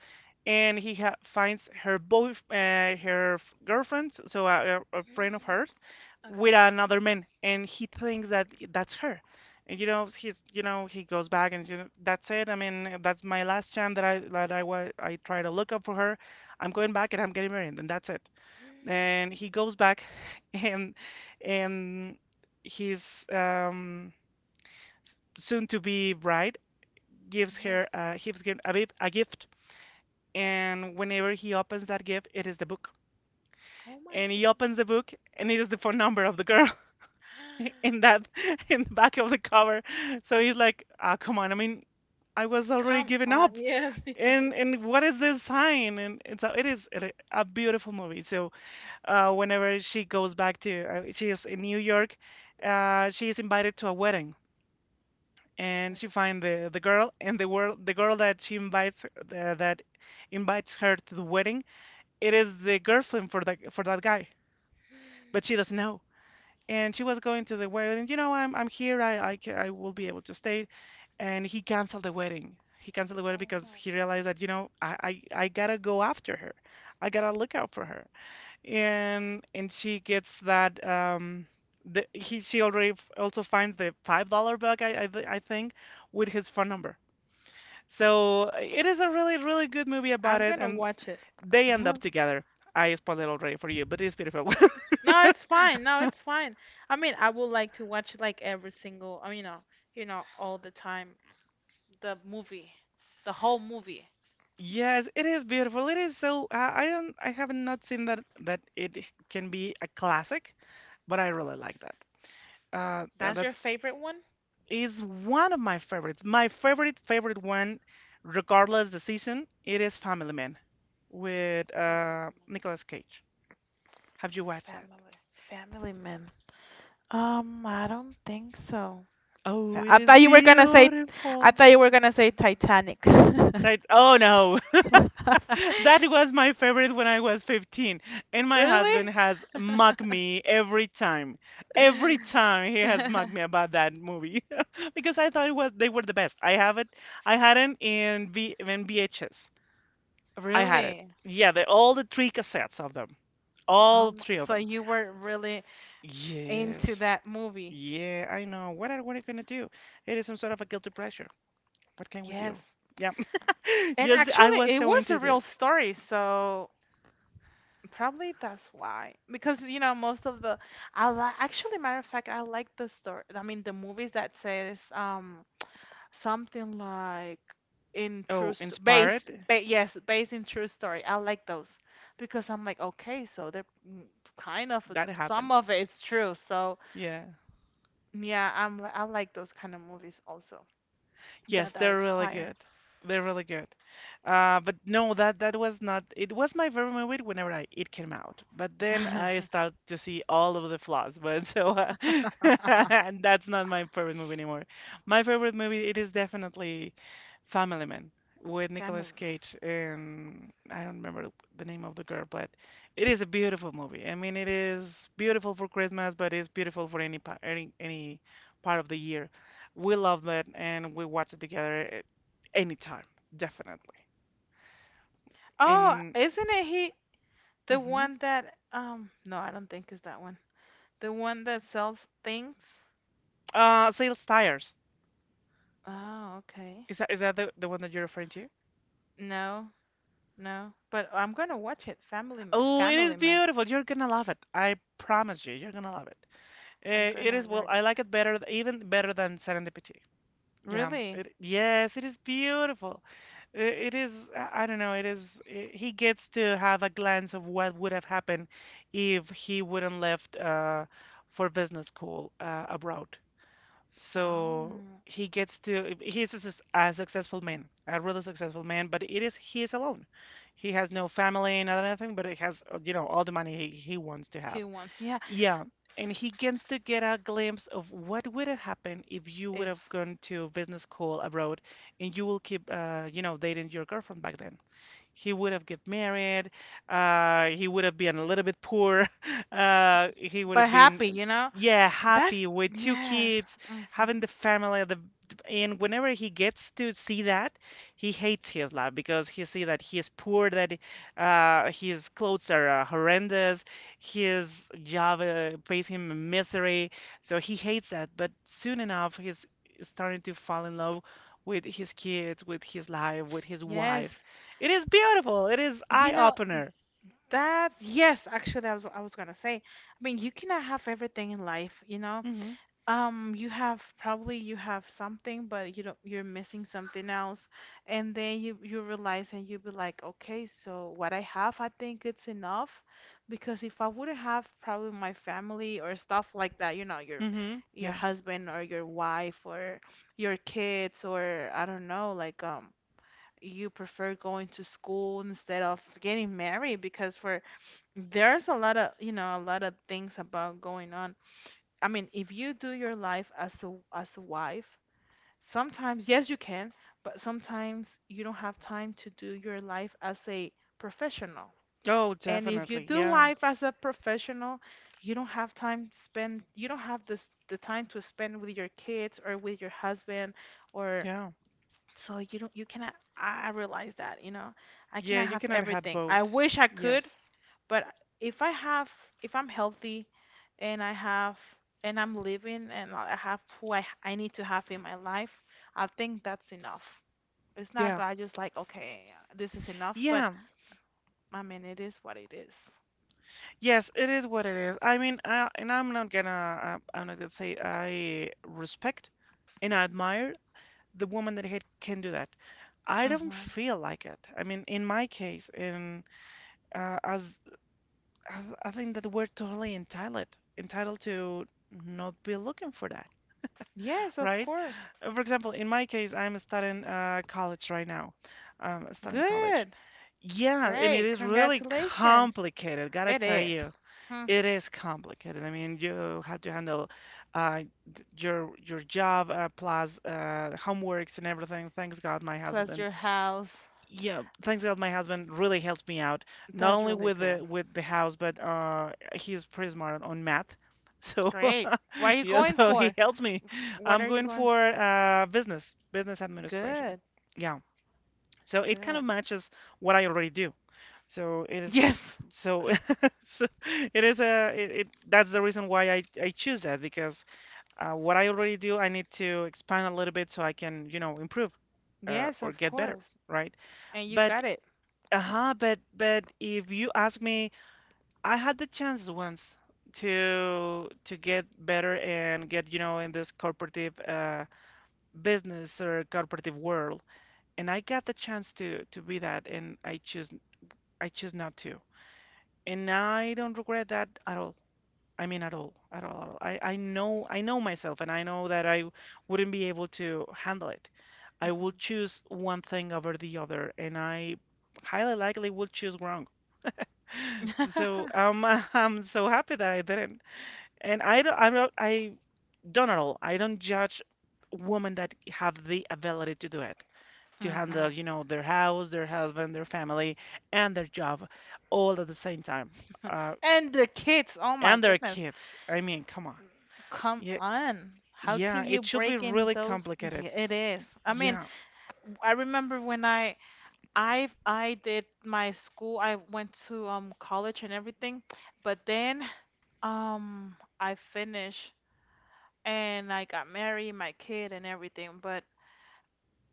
Speaker 1: and he ha finds her boy her girlfriend, so a, a friend of hers,
Speaker 2: Okay,
Speaker 1: with
Speaker 2: okay.
Speaker 1: another man, and he thinks that that's her. And you know, he's, you know, he goes back, and you know, that's it. I mean, that's my last chance, that I that I try to look up for her. I'm going back, and I'm getting married, and that's it. And he goes back, and and his soon to be bride gives her
Speaker 2: Yes.
Speaker 1: gives him a, gift, and whenever he opens that gift, it is the book.
Speaker 2: Oh my
Speaker 1: And he
Speaker 2: goodness.
Speaker 1: opens the book, and it is the phone number of the girl in that, in the back of the cover. So he's like, "Ah, oh, come on! I mean, I was already
Speaker 2: Come
Speaker 1: giving up.
Speaker 2: on. Yes, yes.
Speaker 1: And what is this sign?" And so it is a beautiful movie. So whenever she goes back to, she is in New York, she is invited to a wedding, and she
Speaker 2: Okay.
Speaker 1: find the girl, and the girl that she invites, that invites her to the wedding, it is the girlfriend for that guy, but she doesn't know. And she was going to the wedding, you know, I'm here, I will be able to stay. And he canceled the wedding, he canceled the wedding,
Speaker 2: Oh
Speaker 1: because
Speaker 2: my.
Speaker 1: he realized that, you know, I gotta go after her, I gotta look out for her. And she gets that, the, he she already also finds the $5 bag, I think, with his phone number. So it is a really, really good movie about
Speaker 2: I'm
Speaker 1: it,
Speaker 2: gonna
Speaker 1: and
Speaker 2: watch it.
Speaker 1: they end up
Speaker 2: Uh-huh.
Speaker 1: together. I spoiled it already for you, but it is beautiful.
Speaker 2: No, it's fine. No, it's fine. I mean, I would like to watch like I mean, all the time. The movie, the whole movie.
Speaker 1: Yes, it is beautiful. It is so, I don't, I have not seen that it can be a classic, but I really like that.
Speaker 2: That's your
Speaker 1: That's
Speaker 2: favorite one?
Speaker 1: is one of my favorites. My favorite favorite one, regardless the season, it is Family Man with
Speaker 2: Family
Speaker 1: Nicolas Cage. Have
Speaker 2: Man.
Speaker 1: you watched that?
Speaker 2: Family. Family Man. I don't think so.
Speaker 1: Oh,
Speaker 2: Fa-
Speaker 1: it
Speaker 2: I
Speaker 1: is
Speaker 2: thought you were gonna say, I
Speaker 1: beautiful.
Speaker 2: thought you were gonna say Titanic.
Speaker 1: That, oh no. That was my favorite when I was 15, and my husband
Speaker 2: Really?
Speaker 1: has mocked me every time. Every time he has mocked me about that movie because I thought it was, they were the best. I have it. I had it in V in VHS. I had it.
Speaker 2: Really?
Speaker 1: Yeah, the, all the three cassettes of them, all
Speaker 2: Um,
Speaker 1: three of
Speaker 2: so
Speaker 1: them.
Speaker 2: you were really into
Speaker 1: Yes,
Speaker 2: that movie.
Speaker 1: yeah, I know. What are you gonna do? It is some sort of a guilty pleasure. What can we do?
Speaker 2: Yes.
Speaker 1: Yeah,
Speaker 2: And
Speaker 1: yes, I
Speaker 2: actually,
Speaker 1: was
Speaker 2: it
Speaker 1: so
Speaker 2: was
Speaker 1: into
Speaker 2: a real
Speaker 1: it.
Speaker 2: story, so probably that's why. Because, you know, most of the I li actually, matter of fact, I like the story. I mean, the movies that says something like in true
Speaker 1: Oh,
Speaker 2: st based
Speaker 1: inspired.
Speaker 2: ba yes, based in true story. I like those because I'm like, okay, so kind of
Speaker 1: That
Speaker 2: some
Speaker 1: happened.
Speaker 2: of it's true. So,
Speaker 1: Yeah.
Speaker 2: yeah, I like those kind of movies also
Speaker 1: Yes,
Speaker 2: that are
Speaker 1: they're really
Speaker 2: expire.
Speaker 1: good. They're really good. But no, that that was not. It was my favorite movie whenever I it came out. But then I start to see all of the flaws. But so and that's not my favorite movie anymore. My favorite movie it is definitely Family Man with
Speaker 2: Family
Speaker 1: Nicolas
Speaker 2: Man.
Speaker 1: Cage, and I don't remember the name of the girl, but it is a beautiful movie. I mean, it is beautiful for Christmas, but it's beautiful for any pa- any part of the year. We loved it, and we watch it together anytime, definitely.
Speaker 2: Oh,
Speaker 1: And
Speaker 2: isn't it he? The
Speaker 1: mhm.
Speaker 2: one that no, I don't think is that one. The one that sells things.
Speaker 1: Sales Tires.
Speaker 2: Oh, okay.
Speaker 1: Is that the one that you're referring to?
Speaker 2: No, no. But I'm gonna watch it. Family Man.
Speaker 1: Oh, it is
Speaker 2: Family Man.
Speaker 1: beautiful. You're gonna love it. I promise you, you're gonna love it.
Speaker 2: I'm
Speaker 1: It
Speaker 2: gonna
Speaker 1: is, well,
Speaker 2: write
Speaker 1: I
Speaker 2: it.
Speaker 1: like it better, even better than Serendipity. Yeah.
Speaker 2: Really?
Speaker 1: It, yes, it is beautiful. I- It is. I don't know. It is. He gets to have a glance of what would have happened if he wouldn't left for business school abroad. So
Speaker 2: Oh,
Speaker 1: he gets to he's a successful man, a really successful man, but it is he is alone. He has no family and nothing, but he has all the money he wants to have.
Speaker 2: he wants. Yeah.
Speaker 1: Yeah, and he gets to get a glimpse of what would have happened if you would have
Speaker 2: If
Speaker 1: gone to business school abroad and you will keep dating your girlfriend back then. He would have get married. He would have been a little bit poor. He would
Speaker 2: but
Speaker 1: have been,
Speaker 2: happy, you know.
Speaker 1: yeah,
Speaker 2: That's
Speaker 1: happy with two
Speaker 2: yes.
Speaker 1: kids,
Speaker 2: Hmm.
Speaker 1: having the family. The And whenever he gets to see that, he hates his life because he see that he is poor, that his clothes are horrendous, his job pays him misery. So he hates that. But soon enough, he's starting to fall in love with his kids, with his life, with his
Speaker 2: Yes.
Speaker 1: wife. It is beautiful. It is
Speaker 2: You know
Speaker 1: eye-opener.
Speaker 2: that. Yes. Actually, I was gonna say. I mean, you cannot have everything in life. You know.
Speaker 1: Hmm.
Speaker 2: You have probably you have something, but you don't you're missing something else. And then you realize and you be like, okay, so what I have, I think it's enough because if I wouldn't have probably my family or stuff like that, you know,
Speaker 1: Hmm.
Speaker 2: your
Speaker 1: Yeah.
Speaker 2: husband or your wife or your kids or I don't know, you prefer going to school instead of getting married because for there's a lot of, you know, a lot of things about going on. I mean, if you do your life as a wife, sometimes yes you can, but sometimes you don't have time to do your life as a professional.
Speaker 1: Oh,
Speaker 2: And if you
Speaker 1: definitely.
Speaker 2: do
Speaker 1: Yeah.
Speaker 2: life as a professional, you don't have time to spend, you don't have this the time to spend with your kids or with your husband or
Speaker 1: Yeah.
Speaker 2: so you don't you cannot I I realize that, you know. I
Speaker 1: Yeah,
Speaker 2: cannot
Speaker 1: you
Speaker 2: have
Speaker 1: cannot have
Speaker 2: everything. I
Speaker 1: both.
Speaker 2: wish I could,
Speaker 1: Yes.
Speaker 2: but if I have, if I'm healthy and I have, and I'm living and I have who I need to have in my life, I think that's enough. It's not
Speaker 1: Yeah.
Speaker 2: that I just like, okay, this is enough, but
Speaker 1: Yeah.
Speaker 2: I mean, it is what it is.
Speaker 1: Yes, it is what it is. I mean, and I'm not gonna say I respect and I admire the woman that had, can do that. I don't
Speaker 2: Mm-hmm.
Speaker 1: feel like it. I mean, in my case, in as I think that we're totally entitled, to not be looking for that,
Speaker 2: Yes, of
Speaker 1: right?
Speaker 2: course.
Speaker 1: For example, in my case, I'm studying college right now. Studying college.
Speaker 2: Good.
Speaker 1: Yeah, and it
Speaker 2: Great.
Speaker 1: is really
Speaker 2: Congratulations.
Speaker 1: complicated, gotta
Speaker 2: It
Speaker 1: tell
Speaker 2: is.
Speaker 1: you.
Speaker 2: Hmm.
Speaker 1: It is complicated. I mean, you have to handle uh, your job plus homeworks and everything. Thanks God, my
Speaker 2: Plus
Speaker 1: husband
Speaker 2: your house.
Speaker 1: Yeah, thanks God, my husband really helps me out, not
Speaker 2: That's
Speaker 1: only
Speaker 2: really
Speaker 1: with
Speaker 2: good.
Speaker 1: the house, but he's pretty smart on math. So
Speaker 2: Great. What are you
Speaker 1: yeah,
Speaker 2: going
Speaker 1: so he
Speaker 2: for?
Speaker 1: helps me.
Speaker 2: What
Speaker 1: I'm
Speaker 2: are you
Speaker 1: going
Speaker 2: going?
Speaker 1: for business administration.
Speaker 2: Good.
Speaker 1: Yeah, so it kind
Speaker 2: Good.
Speaker 1: of matches what I already do. So it is
Speaker 2: Yes.
Speaker 1: so, so it is a it, it that's the reason why I choose that because what I already do, I need to expand a little bit so I can, improve
Speaker 2: Yes,
Speaker 1: or
Speaker 2: of
Speaker 1: get better,
Speaker 2: course.
Speaker 1: right?
Speaker 2: And you
Speaker 1: But
Speaker 2: got it.
Speaker 1: uh-huh, but if you ask me, I had the chance once to get better and get, in this corporative business or corporative world, and I got the chance to be that, and I choose not to, and I don't regret that at all. I mean, at all, at all, at all. I know myself, and I know that I wouldn't be able to handle it. I will
Speaker 2: Hmm.
Speaker 1: choose one thing over the other, and I highly likely will choose wrong. So I'm so happy that I didn't. And I don't, I'm not, I don't at all. I don't judge women that have the ability to do it, to handle,
Speaker 2: Hmm.
Speaker 1: their house, their husband, their family, and their job all at the same time, uh,
Speaker 2: And the kids, oh my
Speaker 1: and their
Speaker 2: goodness.
Speaker 1: kids. I mean, come on.
Speaker 2: Come
Speaker 1: Yeah,
Speaker 2: on. How
Speaker 1: yeah,
Speaker 2: can you
Speaker 1: it should be
Speaker 2: break in
Speaker 1: really
Speaker 2: those?
Speaker 1: complicated.
Speaker 2: Yeah, it is. I mean,
Speaker 1: Yeah.
Speaker 2: I remember when I did my school. I went to college and everything, but then I finished and I got married, my kid and everything. But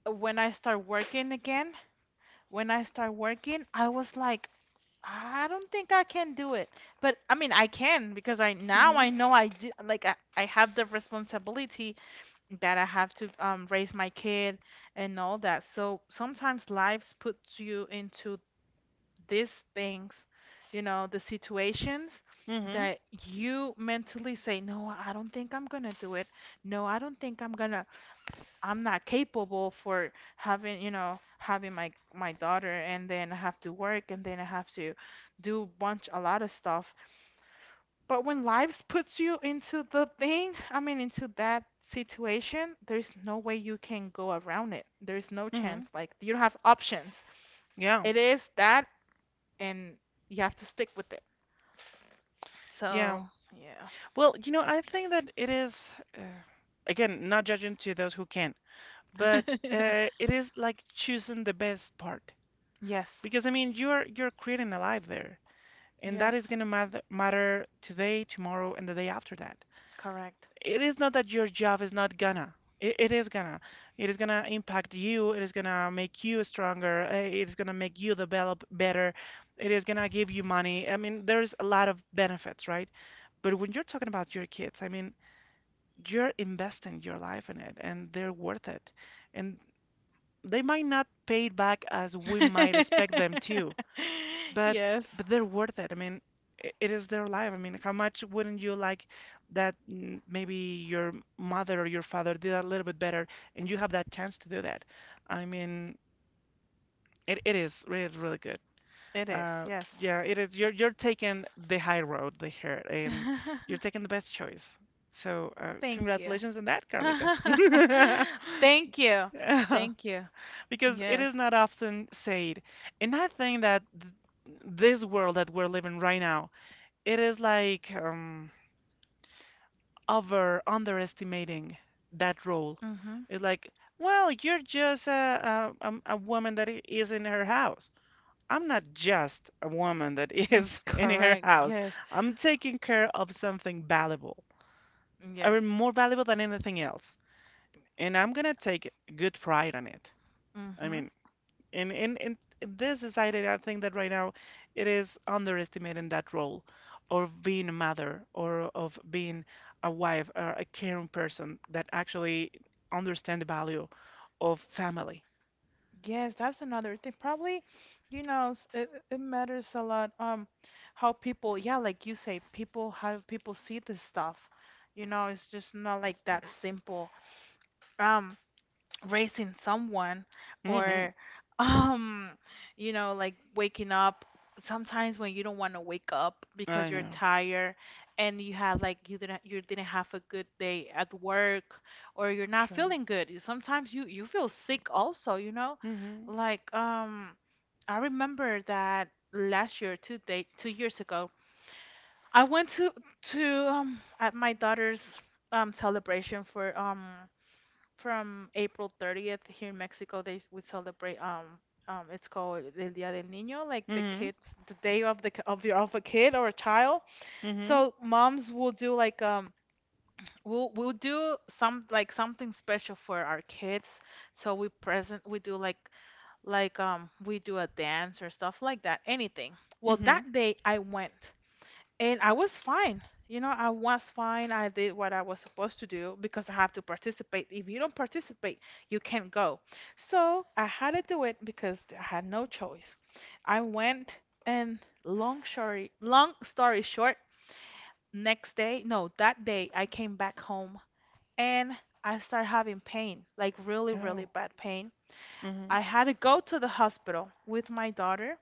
Speaker 2: when I start working again, when I start working, I was like I don't think I can do it. But I mean, I can because I now
Speaker 1: Mm-hmm.
Speaker 2: I know I do, like I have the responsibility that I have to raise my kid and all that. So sometimes lives puts you into these things, you know, the situations
Speaker 1: Mm-hmm.
Speaker 2: that you mentally say, no, I don't think I'm gonna do it. No, I don't think I'm not capable for having, you know, having my my daughter and then I have to work and then I have to do bunch a lot of stuff. But when lives puts you into the thing, I mean into that situation, there's no way you can go around it. There's no
Speaker 1: Mm-hmm.
Speaker 2: chance. Like you don't have options.
Speaker 1: Yeah.
Speaker 2: It is that, and you have to stick with it.
Speaker 1: Yeah.
Speaker 2: So, yeah.
Speaker 1: Well, I think that it is, uh, again, not judging to those who can. But it is like choosing the best part
Speaker 2: Yes.
Speaker 1: because I mean you're creating a life there, and that
Speaker 2: Yes.
Speaker 1: is gonna matter today, tomorrow, and the day after that.
Speaker 2: Correct.
Speaker 1: It is not that your job is not gonna. It is gonna. It is gonna impact you. It is gonna make you stronger. It is gonna make you develop better. It is gonna give you money. I mean, there's a lot of benefits, right? But when you're talking about your kids, I mean, you're investing your life in it, and they're worth it. And they might not pay it back as we might expect them to, but
Speaker 2: Yes,
Speaker 1: they're worth it. I mean, it is their life. I mean, how much wouldn't you like that maybe your mother or your father did a little bit better and you have that chance to do that? I mean, it is really, really good.
Speaker 2: it is.
Speaker 1: Uh,
Speaker 2: Yes.
Speaker 1: yeah, it is. You're taking the high road the here, and you're taking the best choice. So,
Speaker 2: Thank you.
Speaker 1: congratulations on that, Carlita.
Speaker 2: Thank you. Thank you.
Speaker 1: Because it
Speaker 2: Yes.
Speaker 1: is not often said. And I think that this world that we're living right now, it is like over underestimating that role.
Speaker 2: Mm-hmm.
Speaker 1: It's like, well, you're just a woman that is in her house. I'm not just a woman that
Speaker 2: Mm,
Speaker 1: is in her
Speaker 2: correct.
Speaker 1: house.
Speaker 2: Yes.
Speaker 1: I'm taking care of something valuable. I mean,
Speaker 2: Yes.
Speaker 1: more valuable than anything else. And I'm gonna take good pride on it. I
Speaker 2: Mm-hmm.
Speaker 1: mean, in this society, I think that right now it is underestimating that role of being a mother or of being a wife or a caring person that actually understand the value of family.
Speaker 2: Yes, that's another thing. Probably, you know, it, it matters a lot. How people, yeah, like you say, people, how people see this stuff. You know, it's just not like that simple. Um, Raising someone
Speaker 1: Hmm.
Speaker 2: or um you know like waking up sometimes when you don't want to wake up because
Speaker 1: I
Speaker 2: you're
Speaker 1: know.
Speaker 2: tired and you have like you didn't have a good day at work or you're not
Speaker 1: Sure.
Speaker 2: feeling good. Sometimes you feel sick also you know
Speaker 1: Hmm.
Speaker 2: like um I remember that last year two day 2 years ago I went to at my daughter's celebration for from April 30th here in Mexico, we celebrate it's called El Día del Niño, like the
Speaker 1: Hmm.
Speaker 2: kids, the day of the k- of your of a kid or a child.
Speaker 1: Hmm.
Speaker 2: So moms will do we'll do some like something special for our kids. So we do like we do a dance or stuff like that, anything. Well,
Speaker 1: Hmm.
Speaker 2: that day I went. And I was fine. You know, I was fine. I did what I was supposed to do because I have to participate. If you don't participate, you can't go. So I had to do it because I had no choice. I went, and long story short, next day, no, that day I came back home, and I started having pain, like really, really
Speaker 1: Oh.
Speaker 2: bad pain.
Speaker 1: Hmm.
Speaker 2: I had to go to the hospital with my daughter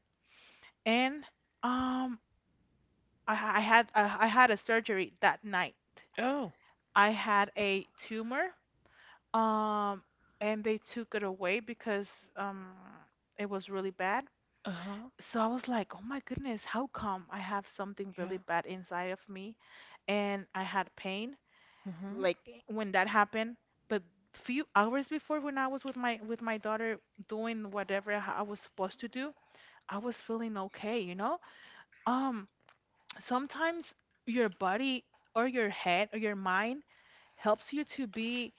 Speaker 2: and um I had a surgery that night.
Speaker 1: Oh.
Speaker 2: I had a tumor, um, and they took it away because it was really bad.
Speaker 1: Uh-huh.
Speaker 2: So I was like, oh my goodness, how come I have something really
Speaker 1: Yeah.
Speaker 2: bad inside of me and I had pain
Speaker 1: Hmm.
Speaker 2: like when that happened, but few hours before when I was with my daughter doing whatever I was supposed to do, I was feeling okay, you know? Um, Sometimes your body or your head or your mind helps you to be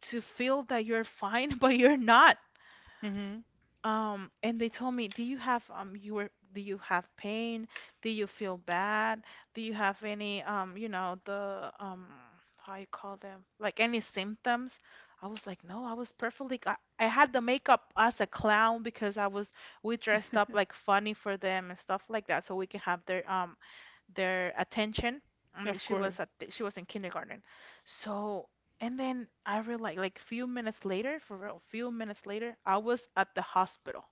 Speaker 2: to feel that you're fine, but you're not.
Speaker 1: Hmm.
Speaker 2: And they told me, do you have do you have pain? Do you feel bad? Do you have any you know, the how you call them, like any symptoms? I was like, no, I was perfectly. I had the makeup as a clown because I was we dressed up like funny for them and stuff like that, so we can have their attention. I mean,
Speaker 1: Of course.
Speaker 2: she was in kindergarten. So, and then I realized few minutes later, for real, few minutes later, I was at the hospital.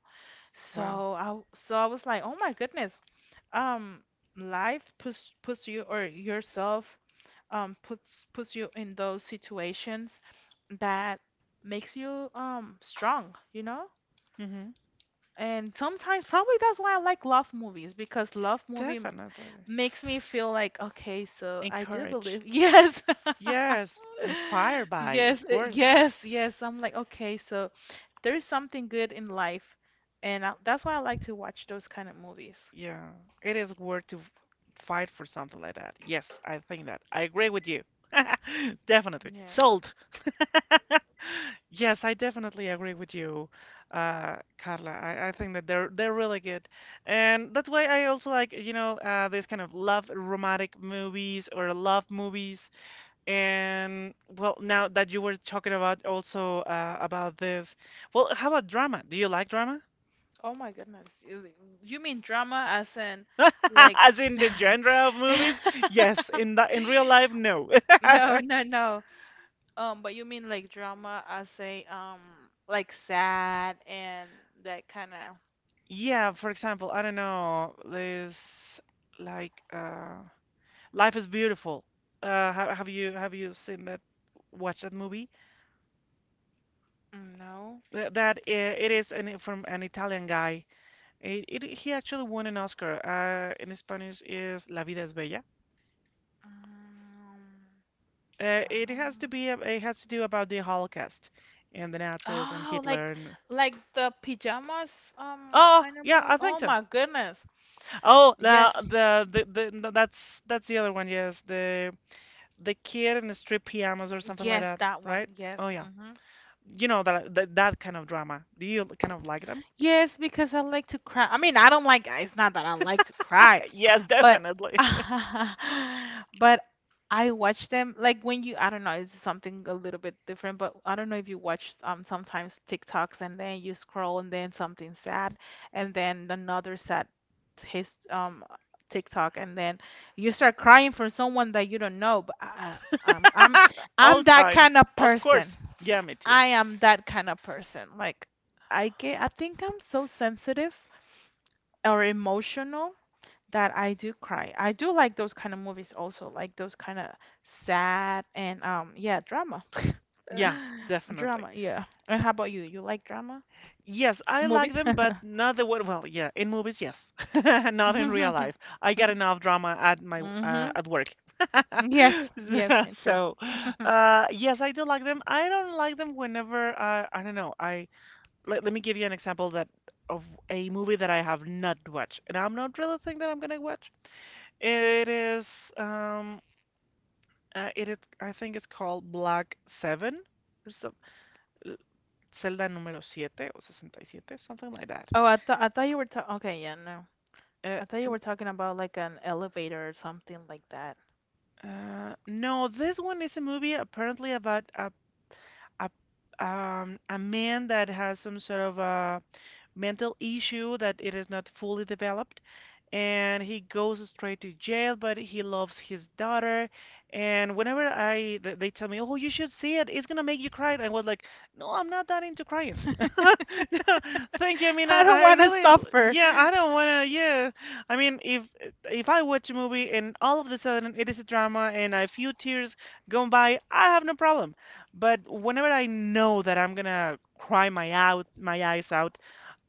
Speaker 1: Wow.
Speaker 2: So I w- so I was like, "Oh my goodness. Um Life puts you or yourself puts you in those situations that makes you strong, you know?
Speaker 1: Hmm.
Speaker 2: And sometimes probably that's why I like love movies because love movie
Speaker 1: Definitely.
Speaker 2: makes me feel like, okay, so I do
Speaker 1: Encourage.
Speaker 2: believe. Yes.
Speaker 1: Yes, inspired by, of
Speaker 2: Yes,
Speaker 1: course.
Speaker 2: yes, yes. I'm like, okay, so there is something good in life. And I, that's why I like to watch those kind of movies.
Speaker 1: Yeah, it is worth to fight for something like that. Yes, I think that. I agree with you. Definitely.
Speaker 2: Yes.
Speaker 1: Sold. Yes, I definitely agree with you, Carla. I think that they're really good, and that's why I also like these kind of love romantic movies or love movies. And well, now that you were talking about also about this, well, how about drama? Do you like drama?
Speaker 2: Oh my goodness. You mean drama as in like
Speaker 1: As
Speaker 2: s-
Speaker 1: in the genre of movies? Yes. In the in real life, no.
Speaker 2: No, no, no. But you mean like drama as a like sad and that kind of
Speaker 1: Yeah, for example, I don't know, this like Life is Beautiful. Ha have you seen that watched that movie?
Speaker 2: no.
Speaker 1: That from an Italian guy. It He actually won an Oscar. In Spanish is La vida es bella.
Speaker 2: Um, um,
Speaker 1: It has to do about the Holocaust and the Nazis and
Speaker 2: oh,
Speaker 1: Hitler and.
Speaker 2: like the pajamas
Speaker 1: Oh,
Speaker 2: kind of
Speaker 1: yeah,
Speaker 2: movie.
Speaker 1: I think
Speaker 2: Oh
Speaker 1: so.
Speaker 2: my goodness.
Speaker 1: Oh,
Speaker 2: Yes.
Speaker 1: the no, that's the other one. Yes, the kid in the striped pajamas or
Speaker 2: Mm,
Speaker 1: something like
Speaker 2: yes,
Speaker 1: that,
Speaker 2: that one.
Speaker 1: right? Oh
Speaker 2: Yes.
Speaker 1: yeah,
Speaker 2: Mm-hmm.
Speaker 1: you know that kind of drama. Do you kind of like them?
Speaker 2: Yes, because I like to cry. I mean, I don't like, it's not that I like to cry,
Speaker 1: Yes,
Speaker 2: but
Speaker 1: definitely.
Speaker 2: but I watch them like when you, I don't know, it's something a little bit different, but I don't know if you watch sometimes TikToks and then you scroll and then something sad and then another sad his TikTok and then you start crying for someone that you don't know, but I- um, I'm
Speaker 1: All
Speaker 2: I'm that
Speaker 1: time.
Speaker 2: kind of
Speaker 1: Of
Speaker 2: person.
Speaker 1: course. Yeah, me too.
Speaker 2: I am that kind of person. Like I think I'm so sensitive or emotional that I do cry. I do like those kind of movies also, like those kind of sad and yeah, drama.
Speaker 1: Yeah, definitely.
Speaker 2: Drama, yeah. And how about you? You like drama?
Speaker 1: Yes, I like
Speaker 2: Movies?
Speaker 1: them, but not the way. Well, yeah, in movies, yes, not in real life. I get enough drama
Speaker 2: Hmm.
Speaker 1: at work.
Speaker 2: Yes, yes, me too.
Speaker 1: So, yes, I do like them. I don't like them whenever I don't know. Let me give you an example that of a movie that I have not watched, and I'm not really think that I'm gonna watch. It is um, it is I think it's called Black Seven or some- Celda número 7 o 67, something like that.
Speaker 2: Oh, I thought you were talking. Okay, yeah, no. I thought
Speaker 1: Uh,
Speaker 2: you were talking about like an elevator or something like that.
Speaker 1: No, this one is a movie apparently about a a man that has some sort of a mental issue that it is not fully developed and he goes straight to jail, but he loves his daughter. And whenever they tell me, "Oh, you should see it. It's gonna make you cry." I was like, "No, I'm not that into crying." No, thank you. I mean, I,
Speaker 2: I don't
Speaker 1: I
Speaker 2: want to
Speaker 1: really,
Speaker 2: suffer.
Speaker 1: yeah, I don't wanna. Yeah, I mean, if I watch a movie and all of a sudden it is a drama and a few tears gone by, I have no problem. But whenever I know that I'm gonna cry my eyes out,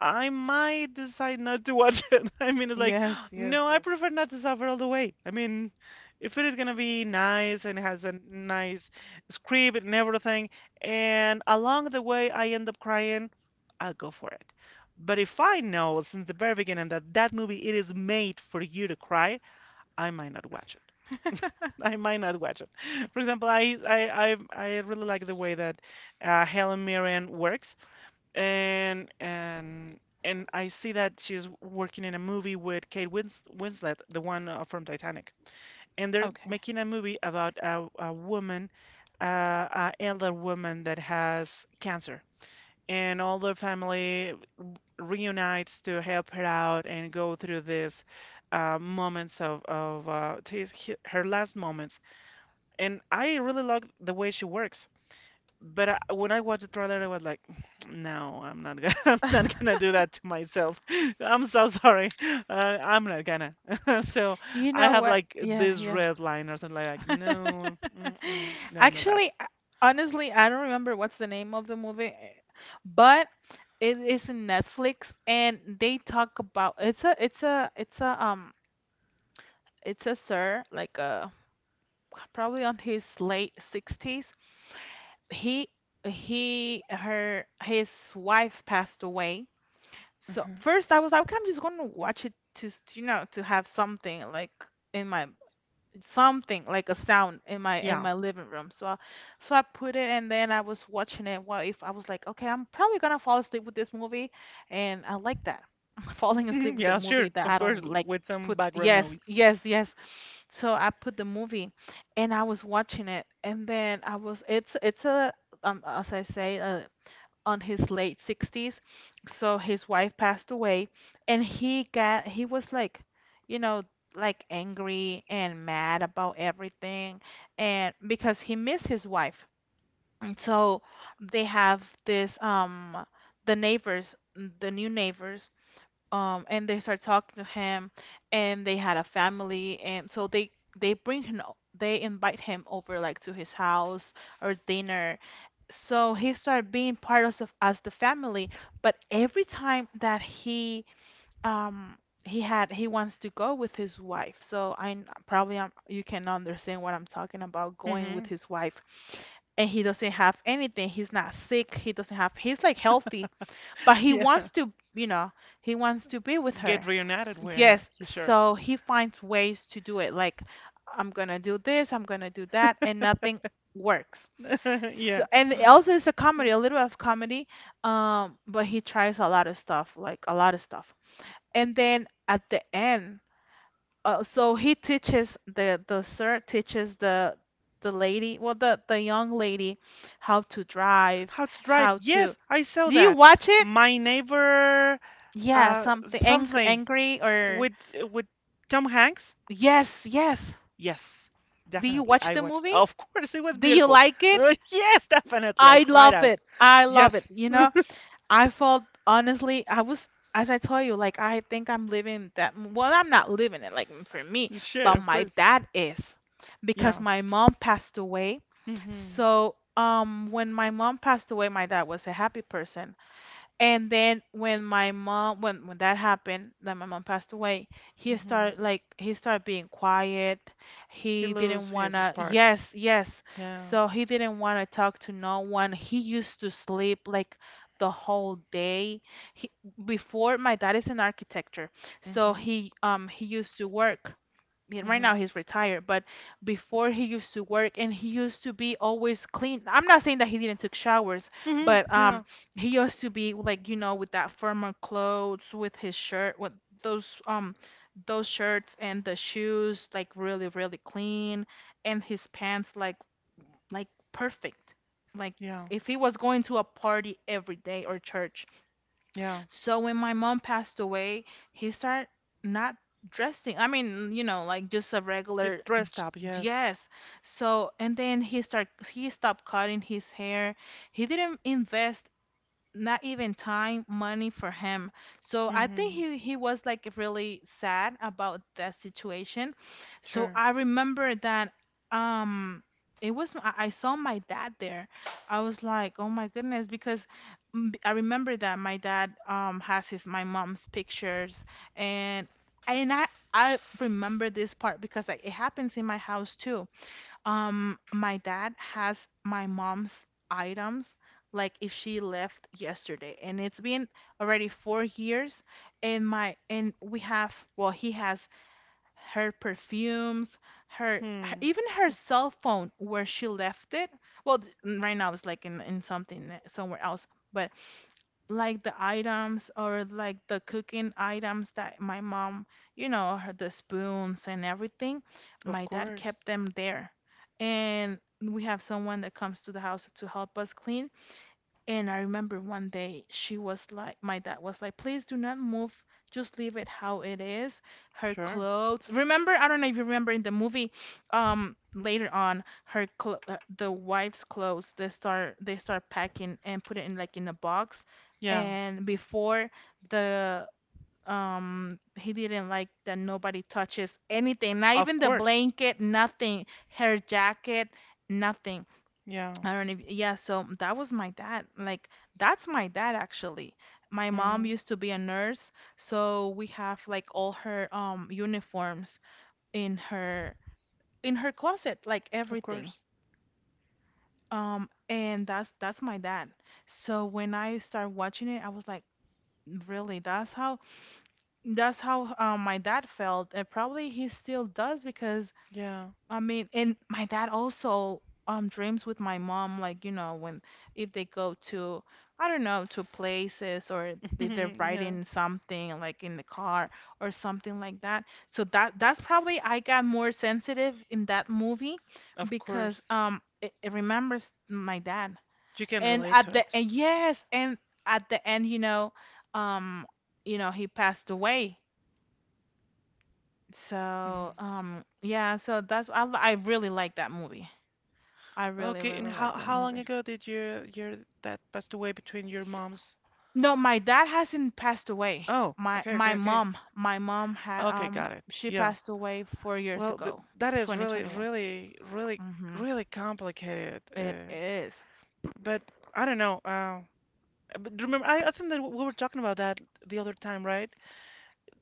Speaker 1: I might decide not to watch it. I mean, it's like
Speaker 2: Yes, yes,
Speaker 1: no, I
Speaker 2: yes.
Speaker 1: prefer not to suffer all the way. I mean, if it is gonna be nice and has a nice script and everything, and along the way I end up crying, I'll go for it. But if I know since the very beginning that that movie it is made for you to cry, I might not watch it. I might not watch it. For example, I really like the way that Helen Mirren works and and and I see that she's working in a movie with Kate Winslet, the one from Titanic, and they're
Speaker 2: Okay.
Speaker 1: making a movie about a woman, a elder woman that has cancer, and all the family reunites to help her out and go through this. Moments of her last moments, and I really like the way she works. But when I watched the trailer, I was like, "No, I'm not gonna, I'm not gonna do that to myself. I'm so sorry. I'm not gonna." So
Speaker 2: You
Speaker 1: I
Speaker 2: know
Speaker 1: have
Speaker 2: what?
Speaker 1: like
Speaker 2: Yeah,
Speaker 1: this
Speaker 2: yeah.
Speaker 1: red line or something like "No, mm-mm, no, not that."
Speaker 2: Actually, honestly, I don't remember what's the name of the movie, but it is in Netflix and they talk about it's a sir, like a, probably on his late 60s. He he her his wife passed away. So
Speaker 1: Mhm.
Speaker 2: first I was like, okay, I'm just gonna watch it to, s- you know, to have in my something like a sound in my
Speaker 1: Yeah,
Speaker 2: living room. So I put it, and then I was watching it. Well, if I was like, okay, I'm probably gonna fall asleep with this movie, and I like that. Falling asleep with a
Speaker 1: yeah,
Speaker 2: movie
Speaker 1: sure,
Speaker 2: that
Speaker 1: of
Speaker 2: I don't
Speaker 1: course,
Speaker 2: like,
Speaker 1: with some
Speaker 2: put,
Speaker 1: background
Speaker 2: yes,
Speaker 1: noise.
Speaker 2: yes, yes. So I put the movie and I was watching it, and then I was it's a, as I say, a on his late 60s. So his wife passed away, and he was like, you know, like angry and mad about everything, and because he missed his wife. And so they have this the neighbors, the new neighbors, and they start talking to him, and they had a family, and so they, they invite him over, like to his house or dinner, so he started being part of the- as the family. But every time that um he wants to go with his wife. So I n- probably I you can understand what I'm talking about, going with
Speaker 1: Hmm
Speaker 2: his wife. And he doesn't have anything, he's not sick, he doesn't have, he's like healthy, but he
Speaker 1: Yeah,
Speaker 2: wants to, you know, he wants to be with
Speaker 1: get
Speaker 2: her.
Speaker 1: reunited with her.
Speaker 2: Yes,
Speaker 1: You sure?
Speaker 2: so he finds ways to do it, like, I'm gonna do this, I'm gonna do that, and nothing works. So,
Speaker 1: Yeah.
Speaker 2: and it also, it's a comedy, a little bit of comedy, but he tries a lot of stuff, like a lot of stuff. And then at the end, so he teaches the- the sir teaches the lady, well the young lady, how to drive,
Speaker 1: How to drive?
Speaker 2: how to.
Speaker 1: Yes, I saw
Speaker 2: Do you
Speaker 1: that.
Speaker 2: watch it?
Speaker 1: My neighbor,
Speaker 2: Yeah, something angry,
Speaker 1: something.
Speaker 2: angry, or
Speaker 1: With with Tom Hanks?
Speaker 2: yes, yes.
Speaker 1: Yes,
Speaker 2: Do you
Speaker 1: definitely.
Speaker 2: watch
Speaker 1: I
Speaker 2: the
Speaker 1: watched.
Speaker 2: movie?
Speaker 1: Of course, it was
Speaker 2: Do you
Speaker 1: beautiful.
Speaker 2: like it?
Speaker 1: Yes, definitely. I
Speaker 2: I
Speaker 1: cried
Speaker 2: love
Speaker 1: out.
Speaker 2: it. I love it.
Speaker 1: Yes,
Speaker 2: You know, I felt, honestly, I was, as I told you, like, I think I'm living that. Well, I'm not living it, like, for me,
Speaker 1: sure,
Speaker 2: but
Speaker 1: of
Speaker 2: my
Speaker 1: course.
Speaker 2: dad is, because
Speaker 1: Yeah.
Speaker 2: my mom passed away.
Speaker 1: Mhm.
Speaker 2: So, when my mom passed away, my dad was a happy person. And then when that happened, that my mom passed away,
Speaker 1: Mhm.
Speaker 2: he started being quiet.
Speaker 1: He
Speaker 2: He
Speaker 1: lose
Speaker 2: didn't
Speaker 1: his
Speaker 2: wanna,
Speaker 1: spark.
Speaker 2: yes, yes.
Speaker 1: Yeah.
Speaker 2: So he didn't wanna talk to no one. He used to sleep like the whole day. He, before, my dad is an architecture, so
Speaker 1: Mhm.
Speaker 2: he used to work. Mean, right now
Speaker 1: Mhm.
Speaker 2: he's retired, but before he used to work, and he used to be always clean. I'm not saying that he didn't take showers,
Speaker 1: Mhm.
Speaker 2: but
Speaker 1: Yeah.
Speaker 2: he used to be, like, you know, with that firmer clothes, with his shirt, with those um those shirts, and the shoes like really, really clean, and his pants like like perfect. Like
Speaker 1: Yeah.
Speaker 2: if he was going to a party every day or church.
Speaker 1: Yeah.
Speaker 2: So when my mom passed away, he started not dressing. I mean, you know, like just a
Speaker 1: You
Speaker 2: regular
Speaker 1: dressed
Speaker 2: j-
Speaker 1: up. Yes.
Speaker 2: yes. So and then he stopped cutting his hair. He didn't invest not even time, money for him. So I think
Speaker 1: Mhm.
Speaker 2: he was like really sad about that situation. So
Speaker 1: Sure.
Speaker 2: I remember that, um it was I saw my dad there. I was like, "Oh my goodness," because I remember that my dad has his my mom's pictures and and I I remember this part because, like, it happens in my house too. My dad has my mom's items, like if she left yesterday, and it's been already 4 years, and my, and we have, well, he has her perfumes, her,
Speaker 1: Hmm.
Speaker 2: even her cell phone where she left it. Well, right now it's like in something somewhere else, but like the items or like the cooking items that my mom, you know, her, the spoons and everything,
Speaker 1: Of
Speaker 2: my dad
Speaker 1: course.
Speaker 2: kept them there. And we have someone that comes to the house to help us clean, and I remember one day she was like, my dad was like, please do not move, just leave it how it is. Her
Speaker 1: Sure.
Speaker 2: clothes, remember, I don't know if you remember in the movie, later on, her cl the wife's clothes, they start packing and put it in like in a box.
Speaker 1: Yeah.
Speaker 2: And before the he didn't like that nobody touches anything, not
Speaker 1: Of
Speaker 2: even the
Speaker 1: course.
Speaker 2: blanket, nothing, her jacket, nothing.
Speaker 1: Yeah.
Speaker 2: I don't know. If, yeah, so that was my dad. Like, that's my dad actually. My mom
Speaker 1: Mhm.
Speaker 2: used to be a nurse, so we have like all her uniforms in her, in her closet, like
Speaker 1: Of
Speaker 2: everything.
Speaker 1: course.
Speaker 2: And that's my dad. So when I started watching it, I was like, really? That's how, that's how, my dad felt, and probably he still does because,
Speaker 1: Yeah.
Speaker 2: I mean, and my dad also dreams with my mom, like, you know, when if they go to, I don't know, to places, or if they're
Speaker 1: Yeah.
Speaker 2: riding something like in the car or something like that. So that, that's probably I got more sensitive in that movie
Speaker 1: Of
Speaker 2: because
Speaker 1: course.
Speaker 2: it, it remembers my dad.
Speaker 1: You can
Speaker 2: And
Speaker 1: relate to
Speaker 2: at the
Speaker 1: it.
Speaker 2: and yes, and at the end, you know, um, he passed away. So,
Speaker 1: Mhm.
Speaker 2: yeah, so I really like that movie. I really,
Speaker 1: Okay, and
Speaker 2: really
Speaker 1: how
Speaker 2: like that
Speaker 1: how long
Speaker 2: movie.
Speaker 1: ago did your dad passed away between your moms?
Speaker 2: No, my dad hasn't passed away.
Speaker 1: Oh,
Speaker 2: My
Speaker 1: okay, okay, okay.
Speaker 2: my mom had
Speaker 1: Okay, got it.
Speaker 2: she
Speaker 1: Yeah.
Speaker 2: passed away 4 years
Speaker 1: Well, th
Speaker 2: ago,
Speaker 1: that is really,
Speaker 2: 2021.
Speaker 1: really, really,
Speaker 2: Mhm.
Speaker 1: really complicated.
Speaker 2: It
Speaker 1: Uh,
Speaker 2: is.
Speaker 1: but I don't know. But remember, I think that we were talking about that the other time, right?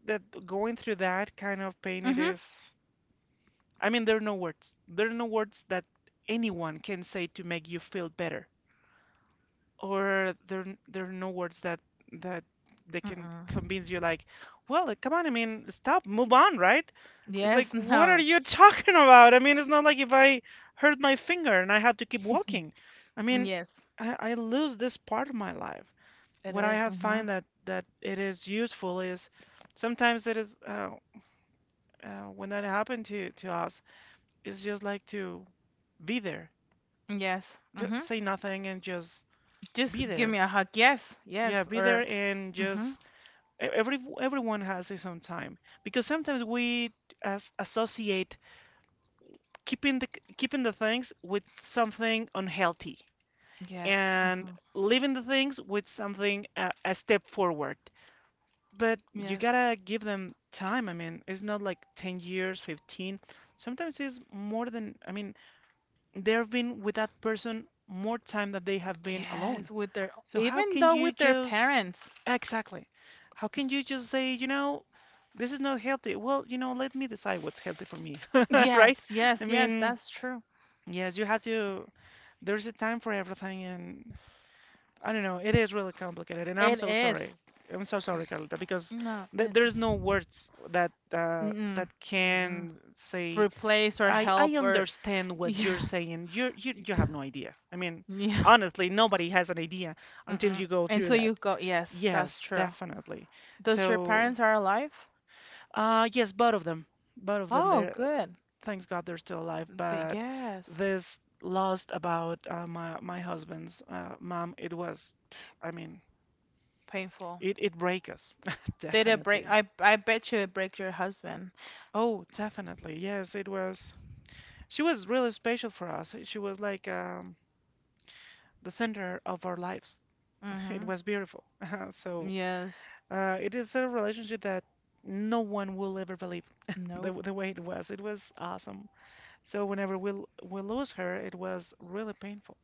Speaker 1: That going through that kind of pain, it
Speaker 2: Mhm.
Speaker 1: is. I mean, there are no words. There are no words that anyone can say to make you feel better. Or there there are no words that that they can
Speaker 2: Mm-mm.
Speaker 1: convince you like, well, like, come on, I mean, stop, move on, right? It's
Speaker 2: Yes,
Speaker 1: like, what are
Speaker 2: no.
Speaker 1: you talking about? I mean, it's not like if I hurt my finger and I have to keep walking. I mean,
Speaker 2: Yes,
Speaker 1: I lose this part of my life.
Speaker 2: it
Speaker 1: What I
Speaker 2: is.
Speaker 1: have
Speaker 2: Mhm.
Speaker 1: find that it is useful is sometimes it is when that happened to us, it's just like to be there,
Speaker 2: Yes.
Speaker 1: D
Speaker 2: Mhm.
Speaker 1: say nothing and just be
Speaker 2: Just give me
Speaker 1: there.
Speaker 2: a hug. Yes.
Speaker 1: Yeah,
Speaker 2: Yes.
Speaker 1: be there
Speaker 2: Or
Speaker 1: and
Speaker 2: mhm.
Speaker 1: just Every everyone has his own time because sometimes we as associate keeping the keeping the things with something unhealthy
Speaker 2: Yes.
Speaker 1: and
Speaker 2: Mhm.
Speaker 1: leaving the things with something a step forward. But you
Speaker 2: Yes.
Speaker 1: gotta give them time. I mean, it's not like 10 years, 15. Sometimes it's more than, I mean, they've been with that person more time than they have been
Speaker 2: Yes,
Speaker 1: alone.
Speaker 2: with their,
Speaker 1: So how
Speaker 2: even
Speaker 1: can
Speaker 2: though
Speaker 1: you
Speaker 2: with their
Speaker 1: just
Speaker 2: parents.
Speaker 1: exactly? How can you just say, you know, this is not healthy? Well, you know, let me decide what's healthy for me, right?
Speaker 2: Yes,
Speaker 1: I
Speaker 2: yes, yes,
Speaker 1: mean,
Speaker 2: that's true.
Speaker 1: yes, you have to. There's a time for everything, and I don't know. It is really complicated, and I'm
Speaker 2: It
Speaker 1: so
Speaker 2: is.
Speaker 1: sorry. I'm so sorry, Carlita, because
Speaker 2: No,
Speaker 1: th
Speaker 2: it,
Speaker 1: there's no words that
Speaker 2: mm-mm,
Speaker 1: that
Speaker 2: mm-mm.
Speaker 1: can say
Speaker 2: Replace or
Speaker 1: I
Speaker 2: help or
Speaker 1: understand what you're
Speaker 2: yeah,
Speaker 1: saying. You have no idea. I mean,
Speaker 2: yeah,
Speaker 1: honestly, nobody has an idea until
Speaker 2: mm-mm.
Speaker 1: you go through
Speaker 2: Until
Speaker 1: that.
Speaker 2: you go, yes, that's
Speaker 1: Yes,
Speaker 2: true.
Speaker 1: definitely.
Speaker 2: Does your
Speaker 1: So,
Speaker 2: parents are alive?
Speaker 1: yes, both of them, both of them.
Speaker 2: Oh,
Speaker 1: They're
Speaker 2: good.
Speaker 1: thanks God they're still alive.
Speaker 2: They,
Speaker 1: But
Speaker 2: yes,
Speaker 1: this lost about my husband's mom, it was, I mean,
Speaker 2: painful.
Speaker 1: it break us,
Speaker 2: Did it break?
Speaker 1: definitely.
Speaker 2: I bet you it break your husband.
Speaker 1: Oh, definitely. Yes, it was. She was really special for us. She was like the center of our lives. It
Speaker 2: Mm-hmm.
Speaker 1: was beautiful. So
Speaker 2: Yes.
Speaker 1: it is a relationship that no one will ever believe the,
Speaker 2: Nope.
Speaker 1: the way it was. It was awesome. So whenever we lose her, it was really painful.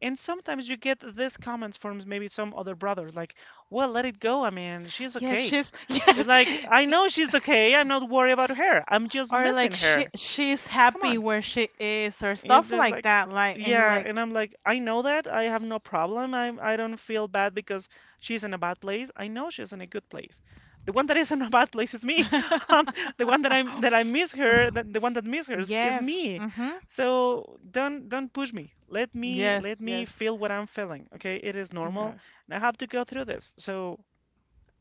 Speaker 1: And sometimes you get these comments from maybe some other brothers, like, "Well, let it go. I mean, she's
Speaker 2: Yes,
Speaker 1: okay."
Speaker 2: she's,
Speaker 1: It's
Speaker 2: yes.
Speaker 1: like, I
Speaker 2: y-
Speaker 1: know she's okay. I'm not worried about her. I'm just
Speaker 2: Or
Speaker 1: missing
Speaker 2: like she
Speaker 1: her.
Speaker 2: she's
Speaker 1: Come
Speaker 2: happy
Speaker 1: on.
Speaker 2: where she is or
Speaker 1: And
Speaker 2: stuff
Speaker 1: they're
Speaker 2: like
Speaker 1: like,
Speaker 2: that. Like, and you're
Speaker 1: yeah,
Speaker 2: like,
Speaker 1: and I'm like, I know that. I have no problem. I don't feel bad because she's in a bad place. I know she's in a good place. The one that is in a bad place is me. Um, the one that I miss her, that the one that miss her is
Speaker 2: yes.
Speaker 1: me. So don't push me. Let me let
Speaker 2: Yes,
Speaker 1: me
Speaker 2: yes,
Speaker 1: feel what I'm feeling. Okay, it is normal,
Speaker 2: yes.
Speaker 1: and I have to go through this. So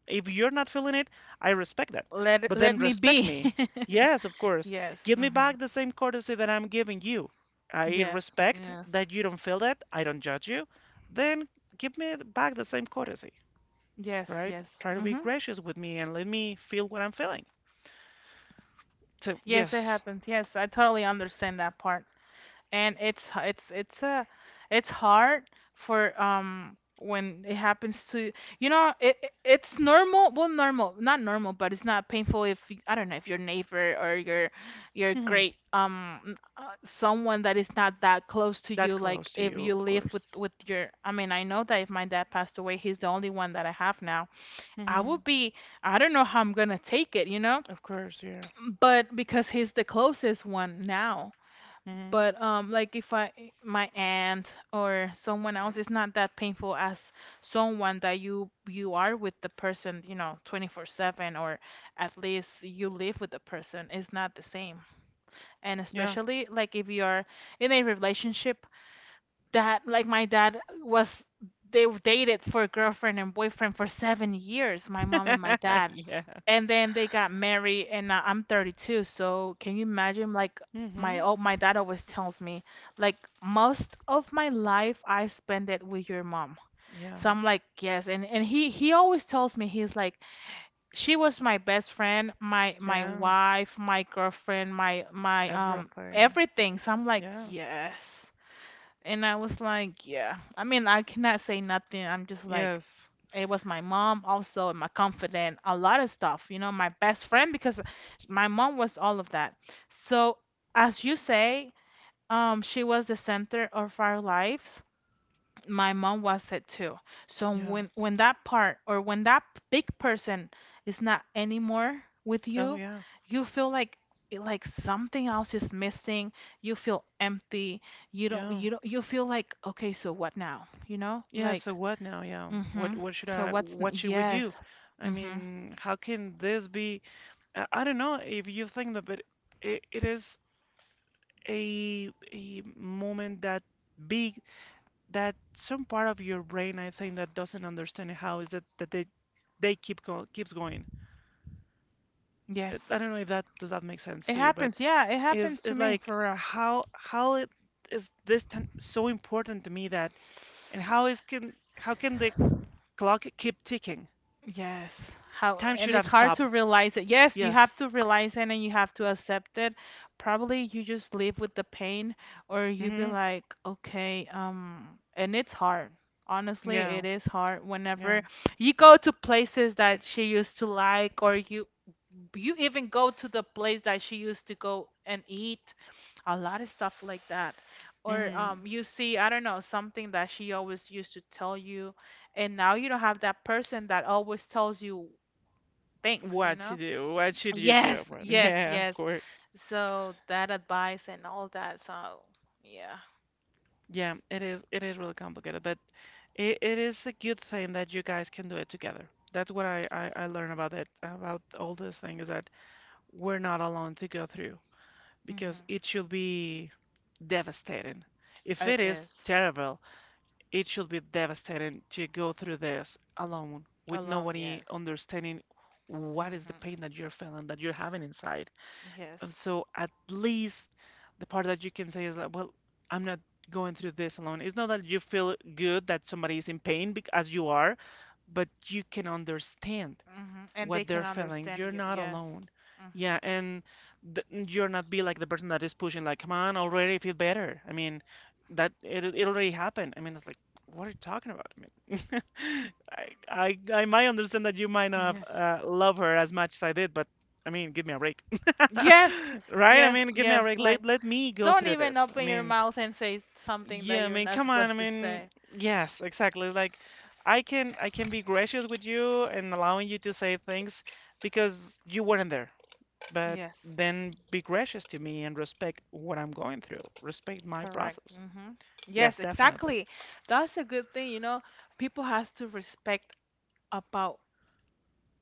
Speaker 1: if you're not feeling it, I respect that.
Speaker 2: Let it-
Speaker 1: But then
Speaker 2: let me
Speaker 1: respect
Speaker 2: be.
Speaker 1: me. Yes, of course.
Speaker 2: Yes.
Speaker 1: Give me
Speaker 2: Hmm.
Speaker 1: back the same courtesy that I'm giving you. I
Speaker 2: Yes.
Speaker 1: respect
Speaker 2: Yes.
Speaker 1: that you don't feel that. I don't judge you. Then give me back the same courtesy,
Speaker 2: Yes.
Speaker 1: right?
Speaker 2: Yes.
Speaker 1: Try to be
Speaker 2: Hmm.
Speaker 1: gracious with me and let me feel what I'm feeling. So,
Speaker 2: Yes, it
Speaker 1: yes,
Speaker 2: happens. Yes, I totally understand that part. And it's h- it's a it's hard for when it happens to, you know, it's normal, well, normal, not normal, but it's not painful if I don't know if your neighbor or your
Speaker 1: hmm
Speaker 2: great someone that is not that close to
Speaker 1: that
Speaker 2: you, like
Speaker 1: close to
Speaker 2: if
Speaker 1: you,
Speaker 2: you
Speaker 1: of
Speaker 2: live with
Speaker 1: course.
Speaker 2: with your, I mean, I know that if my dad passed away, he's the only one that I have now. I
Speaker 1: Hmm
Speaker 2: would be, I don't know how I'm gonna take it, you know,
Speaker 1: Of course, yeah.
Speaker 2: but because he's the closest one now,
Speaker 1: hmm
Speaker 2: but like if I my aunt or someone else, it's not that painful as someone that you are with the person, you know, 24/7, or at least you live with the person. It's not the same. And
Speaker 1: Yeah.
Speaker 2: especially like if you are in a relationship that like my dad was. They dated for girlfriend and boyfriend for 7 years, my mom and my dad,
Speaker 1: Yeah.
Speaker 2: and then they got married and now I'm 32. So can you imagine, like, my—
Speaker 1: hmm
Speaker 2: oh, my dad always tells me, like, most of my life I spend it with your mom.
Speaker 1: Yeah.
Speaker 2: So I'm like, yes. And he always tells me, he's like, she was my best friend, my
Speaker 1: Yeah.
Speaker 2: wife, my girlfriend, my my
Speaker 1: Everything.
Speaker 2: everything. So I'm like,
Speaker 1: Yeah.
Speaker 2: yes. And I was like, yeah. I mean, I cannot say nothing. I'm just like,
Speaker 1: Yes.
Speaker 2: it was my mom also, and my confidant, a lot of stuff, you know, my best friend, because my mom was all of that. So, as you say, she was the center of our lives, my mom was it too. So
Speaker 1: Yeah.
Speaker 2: when that part or when that big person is not anymore with
Speaker 1: Oh
Speaker 2: you,
Speaker 1: yeah.
Speaker 2: you feel like, it- like something else is missing. You feel empty. You don't
Speaker 1: Yeah.
Speaker 2: you don't you feel like, okay, so what now? You know?
Speaker 1: Yeah, so
Speaker 2: Like,
Speaker 1: what now? Yeah. What
Speaker 2: mhm.
Speaker 1: should
Speaker 2: So
Speaker 1: we do?
Speaker 2: yes.
Speaker 1: I
Speaker 2: Mhm.
Speaker 1: mean, how can this be I don't know if you think that but it is a moment that big that some part of your brain I think that doesn't understand how is it that they keeps going. I
Speaker 2: Yes.
Speaker 1: I don't know if that make sense
Speaker 2: It
Speaker 1: to you, but
Speaker 2: happens. Yeah, it
Speaker 1: is
Speaker 2: happens to
Speaker 1: is
Speaker 2: me
Speaker 1: like
Speaker 2: for real.
Speaker 1: how it is this so important to me that and how can the Clock keep ticking.
Speaker 2: Yes. How,
Speaker 1: Time
Speaker 2: and
Speaker 1: should
Speaker 2: it's
Speaker 1: have
Speaker 2: hard
Speaker 1: stopped.
Speaker 2: to realize it. Yes, you have
Speaker 1: Yes.
Speaker 2: to realize it and you have to accept it. Probably you just live with the pain or you be
Speaker 1: hmm
Speaker 2: like, okay, and it's hard. Honestly, it
Speaker 1: Yeah.
Speaker 2: is hard
Speaker 1: Yeah.
Speaker 2: whenever you go to places that she used to like, or you even go to the place that she used to go and eat, a lot of stuff like that, or
Speaker 1: hmm
Speaker 2: you see, I don't know, something that she always used to tell you, and now you don't have that person that always tells you things, you
Speaker 1: What to
Speaker 2: know.
Speaker 1: do? What should you do?
Speaker 2: Yes,
Speaker 1: Well,
Speaker 2: yes,
Speaker 1: Yeah, of
Speaker 2: yes.
Speaker 1: course.
Speaker 2: So that advice and all that. So yeah.
Speaker 1: Yeah, it is really complicated, but it is a good thing that you guys can do it together. That's what I learned about it, about all this thing is that we're not alone to go through
Speaker 2: Mm-hmm.
Speaker 1: because it should be devastating. If
Speaker 2: It
Speaker 1: it is
Speaker 2: is.
Speaker 1: terrible, It should be devastating to go through this alone with
Speaker 2: Alone,
Speaker 1: nobody
Speaker 2: yes.
Speaker 1: understanding what is the pain
Speaker 2: Mm-hmm.
Speaker 1: that you're feeling, that you're having inside. And
Speaker 2: Yes.
Speaker 1: so at least the part that you can say is like, well, I'm not going through this alone. It's not that you feel good that somebody is in pain as you are, but you can understand
Speaker 2: Mm-hmm. And they
Speaker 1: what
Speaker 2: can
Speaker 1: they're feeling.
Speaker 2: understand
Speaker 1: You're
Speaker 2: you,
Speaker 1: not
Speaker 2: yes.
Speaker 1: alone.
Speaker 2: Mm-hmm.
Speaker 1: Yeah, and th you're not be like the person that is pushing, like, come on, already feel better. I mean, that it already happened. I mean, it's like, what are you talking about? I mean, I might understand that you might not
Speaker 2: Yes.
Speaker 1: love her as much as I did, but I mean, give me a break,
Speaker 2: Yes,
Speaker 1: right? I
Speaker 2: yes,
Speaker 1: mean, give me a
Speaker 2: yes.
Speaker 1: break.
Speaker 2: Like,
Speaker 1: Let me go
Speaker 2: don't
Speaker 1: through
Speaker 2: even
Speaker 1: this. I
Speaker 2: open your
Speaker 1: mean.
Speaker 2: mouth and say something that
Speaker 1: Yeah, I
Speaker 2: you're
Speaker 1: mean,
Speaker 2: not
Speaker 1: come on. I
Speaker 2: supposed to
Speaker 1: mean,
Speaker 2: say.
Speaker 1: yes, exactly. Like, I can be gracious with you and allowing you to say things because you weren't there. But
Speaker 2: Yes,
Speaker 1: then be gracious to me and respect what I'm going through. Respect my
Speaker 2: correct.
Speaker 1: process.
Speaker 2: Hmm.
Speaker 1: Yes,
Speaker 2: Yes,
Speaker 1: definitely.
Speaker 2: exactly. That's a good thing, you know. People has to respect about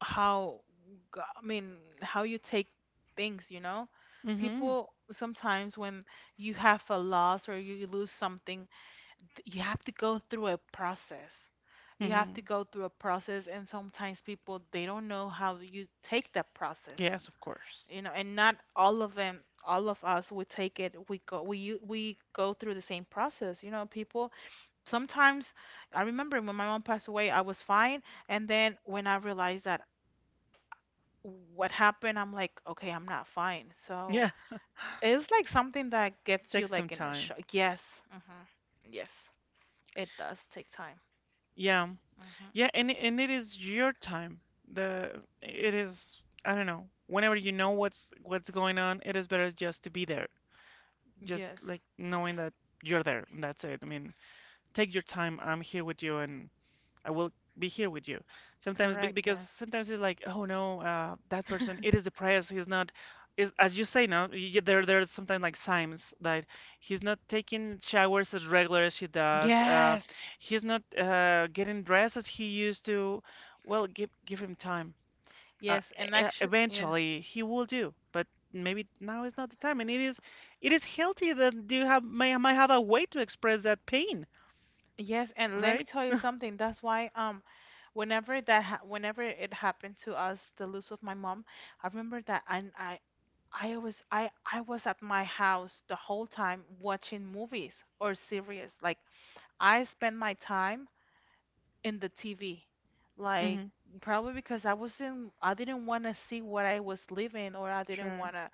Speaker 2: how, I mean, how you take things, you know.
Speaker 1: Mm-hmm.
Speaker 2: People sometimes when you have a loss or you lose something, you have to go through a process. You have to
Speaker 1: Mm-hmm.
Speaker 2: go through a process, and sometimes people they don't know how you take that process,
Speaker 1: Yes, of course.
Speaker 2: you know. And not all of them, all of us, we take it, we go, we go through the same process, you know, people. Sometimes I remember when my mom passed away, I was fine, and then when I realized that what happened, I'm like, okay, I'm not fine. So
Speaker 1: Yeah,
Speaker 2: it's like something that gets you
Speaker 1: take some
Speaker 2: like in a
Speaker 1: time.
Speaker 2: shock. Yes. Hmm. Yes, it does take time.
Speaker 1: Yeah.
Speaker 2: Mm-hmm.
Speaker 1: Yeah, and it is your time. The it is I don't know. Whenever you know what's going on, it is better just to be there just
Speaker 2: Yes.
Speaker 1: like knowing that you're there. That's it. I mean, take your time. I'm here with you, and I will be here with you.
Speaker 2: Correct.
Speaker 1: Because
Speaker 2: Yes.
Speaker 1: sometimes it's like, oh no, that person, it is depressed. He's not. Is as you say now, there there's sometimes like signs that he's not taking showers as regular as he does.
Speaker 2: Yes.
Speaker 1: He's not getting dressed as he used to. Well, give him time
Speaker 2: Yes. And actually, yeah.
Speaker 1: eventually he will do but maybe now is not the time and it is healthy that you have may might have a way to express that pain
Speaker 2: Yes. And let me
Speaker 1: right.
Speaker 2: tell you something. That's why, whenever that ha whenever it happened to us, the loss of my mom, I remember that I was at my house the whole time watching movies or series. Like I spent my time in the TV. Like,
Speaker 1: Mm-hmm.
Speaker 2: probably because I didn't want to see what I was living, or I didn't
Speaker 1: Sure.
Speaker 2: want to—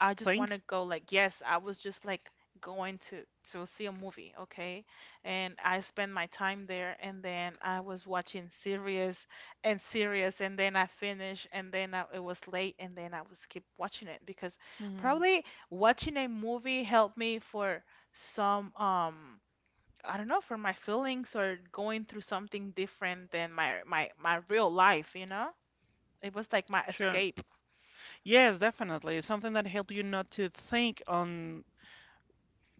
Speaker 2: I just want to
Speaker 1: Think.
Speaker 2: go, like, yes, I was just like going to— to see a movie, okay? And I spent my time there, and then I was watching series and series, and then I finished, and then I, it was late, and then I was keep watching it because,
Speaker 1: Mm-hmm.
Speaker 2: probably, watching a movie helped me for some I don't know, for my feelings, or going through something different than my real life, you know? It was like my
Speaker 1: Sure.
Speaker 2: escape.
Speaker 1: Yes, definitely, it's something that helps you not to think on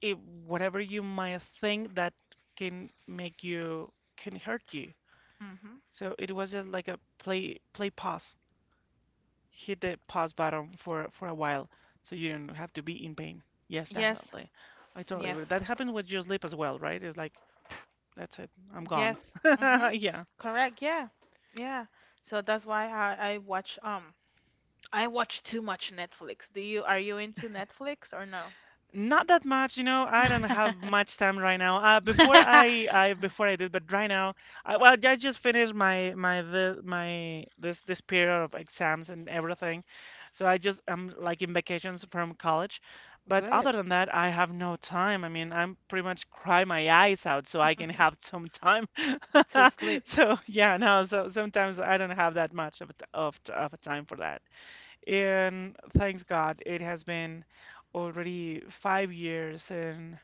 Speaker 1: it, whatever you might think that can make you can hurt you.
Speaker 2: Hmm.
Speaker 1: So it was just like a play pause, hit the pause button for a while so you don't have to be in pain. Yes,
Speaker 2: Yes,
Speaker 1: definitely. I totally agree.
Speaker 2: yes,
Speaker 1: That happens with your sleep as well, right? It's like, pff, that's it. I'm gone.
Speaker 2: yes. Hmm.
Speaker 1: Yeah.
Speaker 2: Correct. Yeah, yeah. So that's why I watch I watch too much Netflix. Do you— are you into Netflix or no?
Speaker 1: Not that much, you know. I don't have much time right now. Before I did, but right now, I, well, I just finished my my the my this this period of exams and everything, so I just am like in vacations from college. But
Speaker 2: Good.
Speaker 1: other than that, I have no time. I mean, I'm pretty much cry my eyes out so I can have some time.
Speaker 2: To sleep.
Speaker 1: So yeah, no. So sometimes I don't have that much of a t- of a time for that. And thanks God, it has been already 5 years, and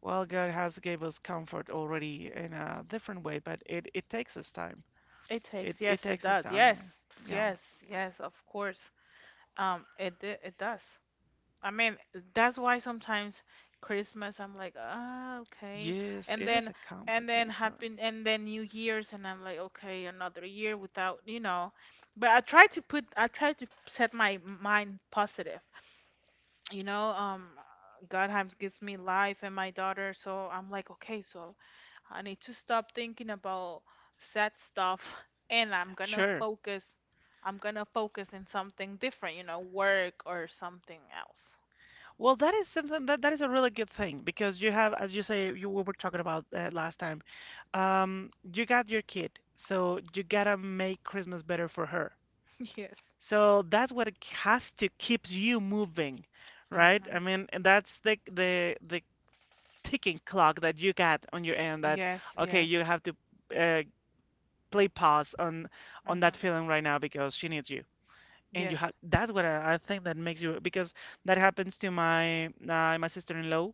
Speaker 1: well, God has gave us comfort already in a different way, but it takes us time.
Speaker 2: It
Speaker 1: It
Speaker 2: takes.
Speaker 1: it
Speaker 2: Yes, it
Speaker 1: takes us
Speaker 2: does. Yes,
Speaker 1: time. Yeah.
Speaker 2: yes, yes. Of course. It it does. I mean, that's why sometimes Christmas I'm like, ah, okay.
Speaker 1: Yes,
Speaker 2: And
Speaker 1: it is
Speaker 2: then—
Speaker 1: a
Speaker 2: and then
Speaker 1: complicated time.
Speaker 2: happy, and then New Year's, and I'm like, okay, another year without, you know. But I try to set my mind positive. You know, God has gives me life and my daughter, so I'm like, okay, so I need to stop thinking about sad stuff and
Speaker 1: Sure.
Speaker 2: I'm gonna focus in something different, you know, work or something else.
Speaker 1: Well, that is something that is a really good thing because you have, as you say, you we were talking about last time. You got your kid, so you gotta make Christmas better for her.
Speaker 2: Yes.
Speaker 1: So that's what it has to keeps you moving, right?
Speaker 2: Mm-hmm.
Speaker 1: I mean, and that's the ticking clock that you got on your end that
Speaker 2: Yes,
Speaker 1: okay,
Speaker 2: yes.
Speaker 1: you have to uh, play pause on that
Speaker 2: Mm-hmm.
Speaker 1: feeling right now because she needs you. And you
Speaker 2: Yes.
Speaker 1: have that's what I think that makes you because that happens to my my sister-in-law.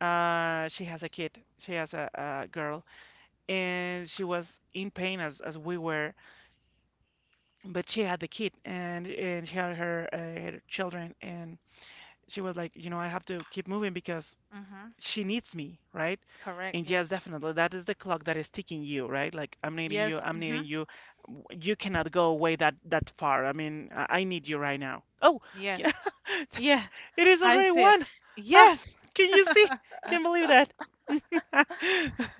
Speaker 1: She has a kid. She has a girl, and she was in pain as we were, but she had the kid and she had her her children and she was like, you know, I have to keep moving because
Speaker 2: Mm-hmm.
Speaker 1: she needs me, right?
Speaker 2: Correct.
Speaker 1: And
Speaker 2: Yes.
Speaker 1: yes, definitely, that is the clock that is ticking you, right? Like
Speaker 2: Yes.
Speaker 1: I'm
Speaker 2: Mm-hmm.
Speaker 1: needing you. You cannot go away that far. I mean, I need you right now. Oh, yeah,
Speaker 2: Yes. Yeah,
Speaker 1: it is
Speaker 2: I
Speaker 1: already
Speaker 2: see it.
Speaker 1: one. Ah,
Speaker 2: Yes.
Speaker 1: can you see? Can't believe that.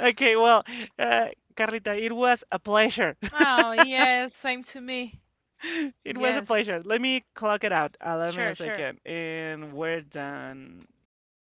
Speaker 1: Okay, well, uh, Carlita, it was a pleasure.
Speaker 2: Oh, yes. Same to me.
Speaker 1: It was a
Speaker 2: Yes.
Speaker 1: pleasure. Let me clock it out. Allow me
Speaker 2: Sure,
Speaker 1: a
Speaker 2: sure.
Speaker 1: second, and we're done. Okay.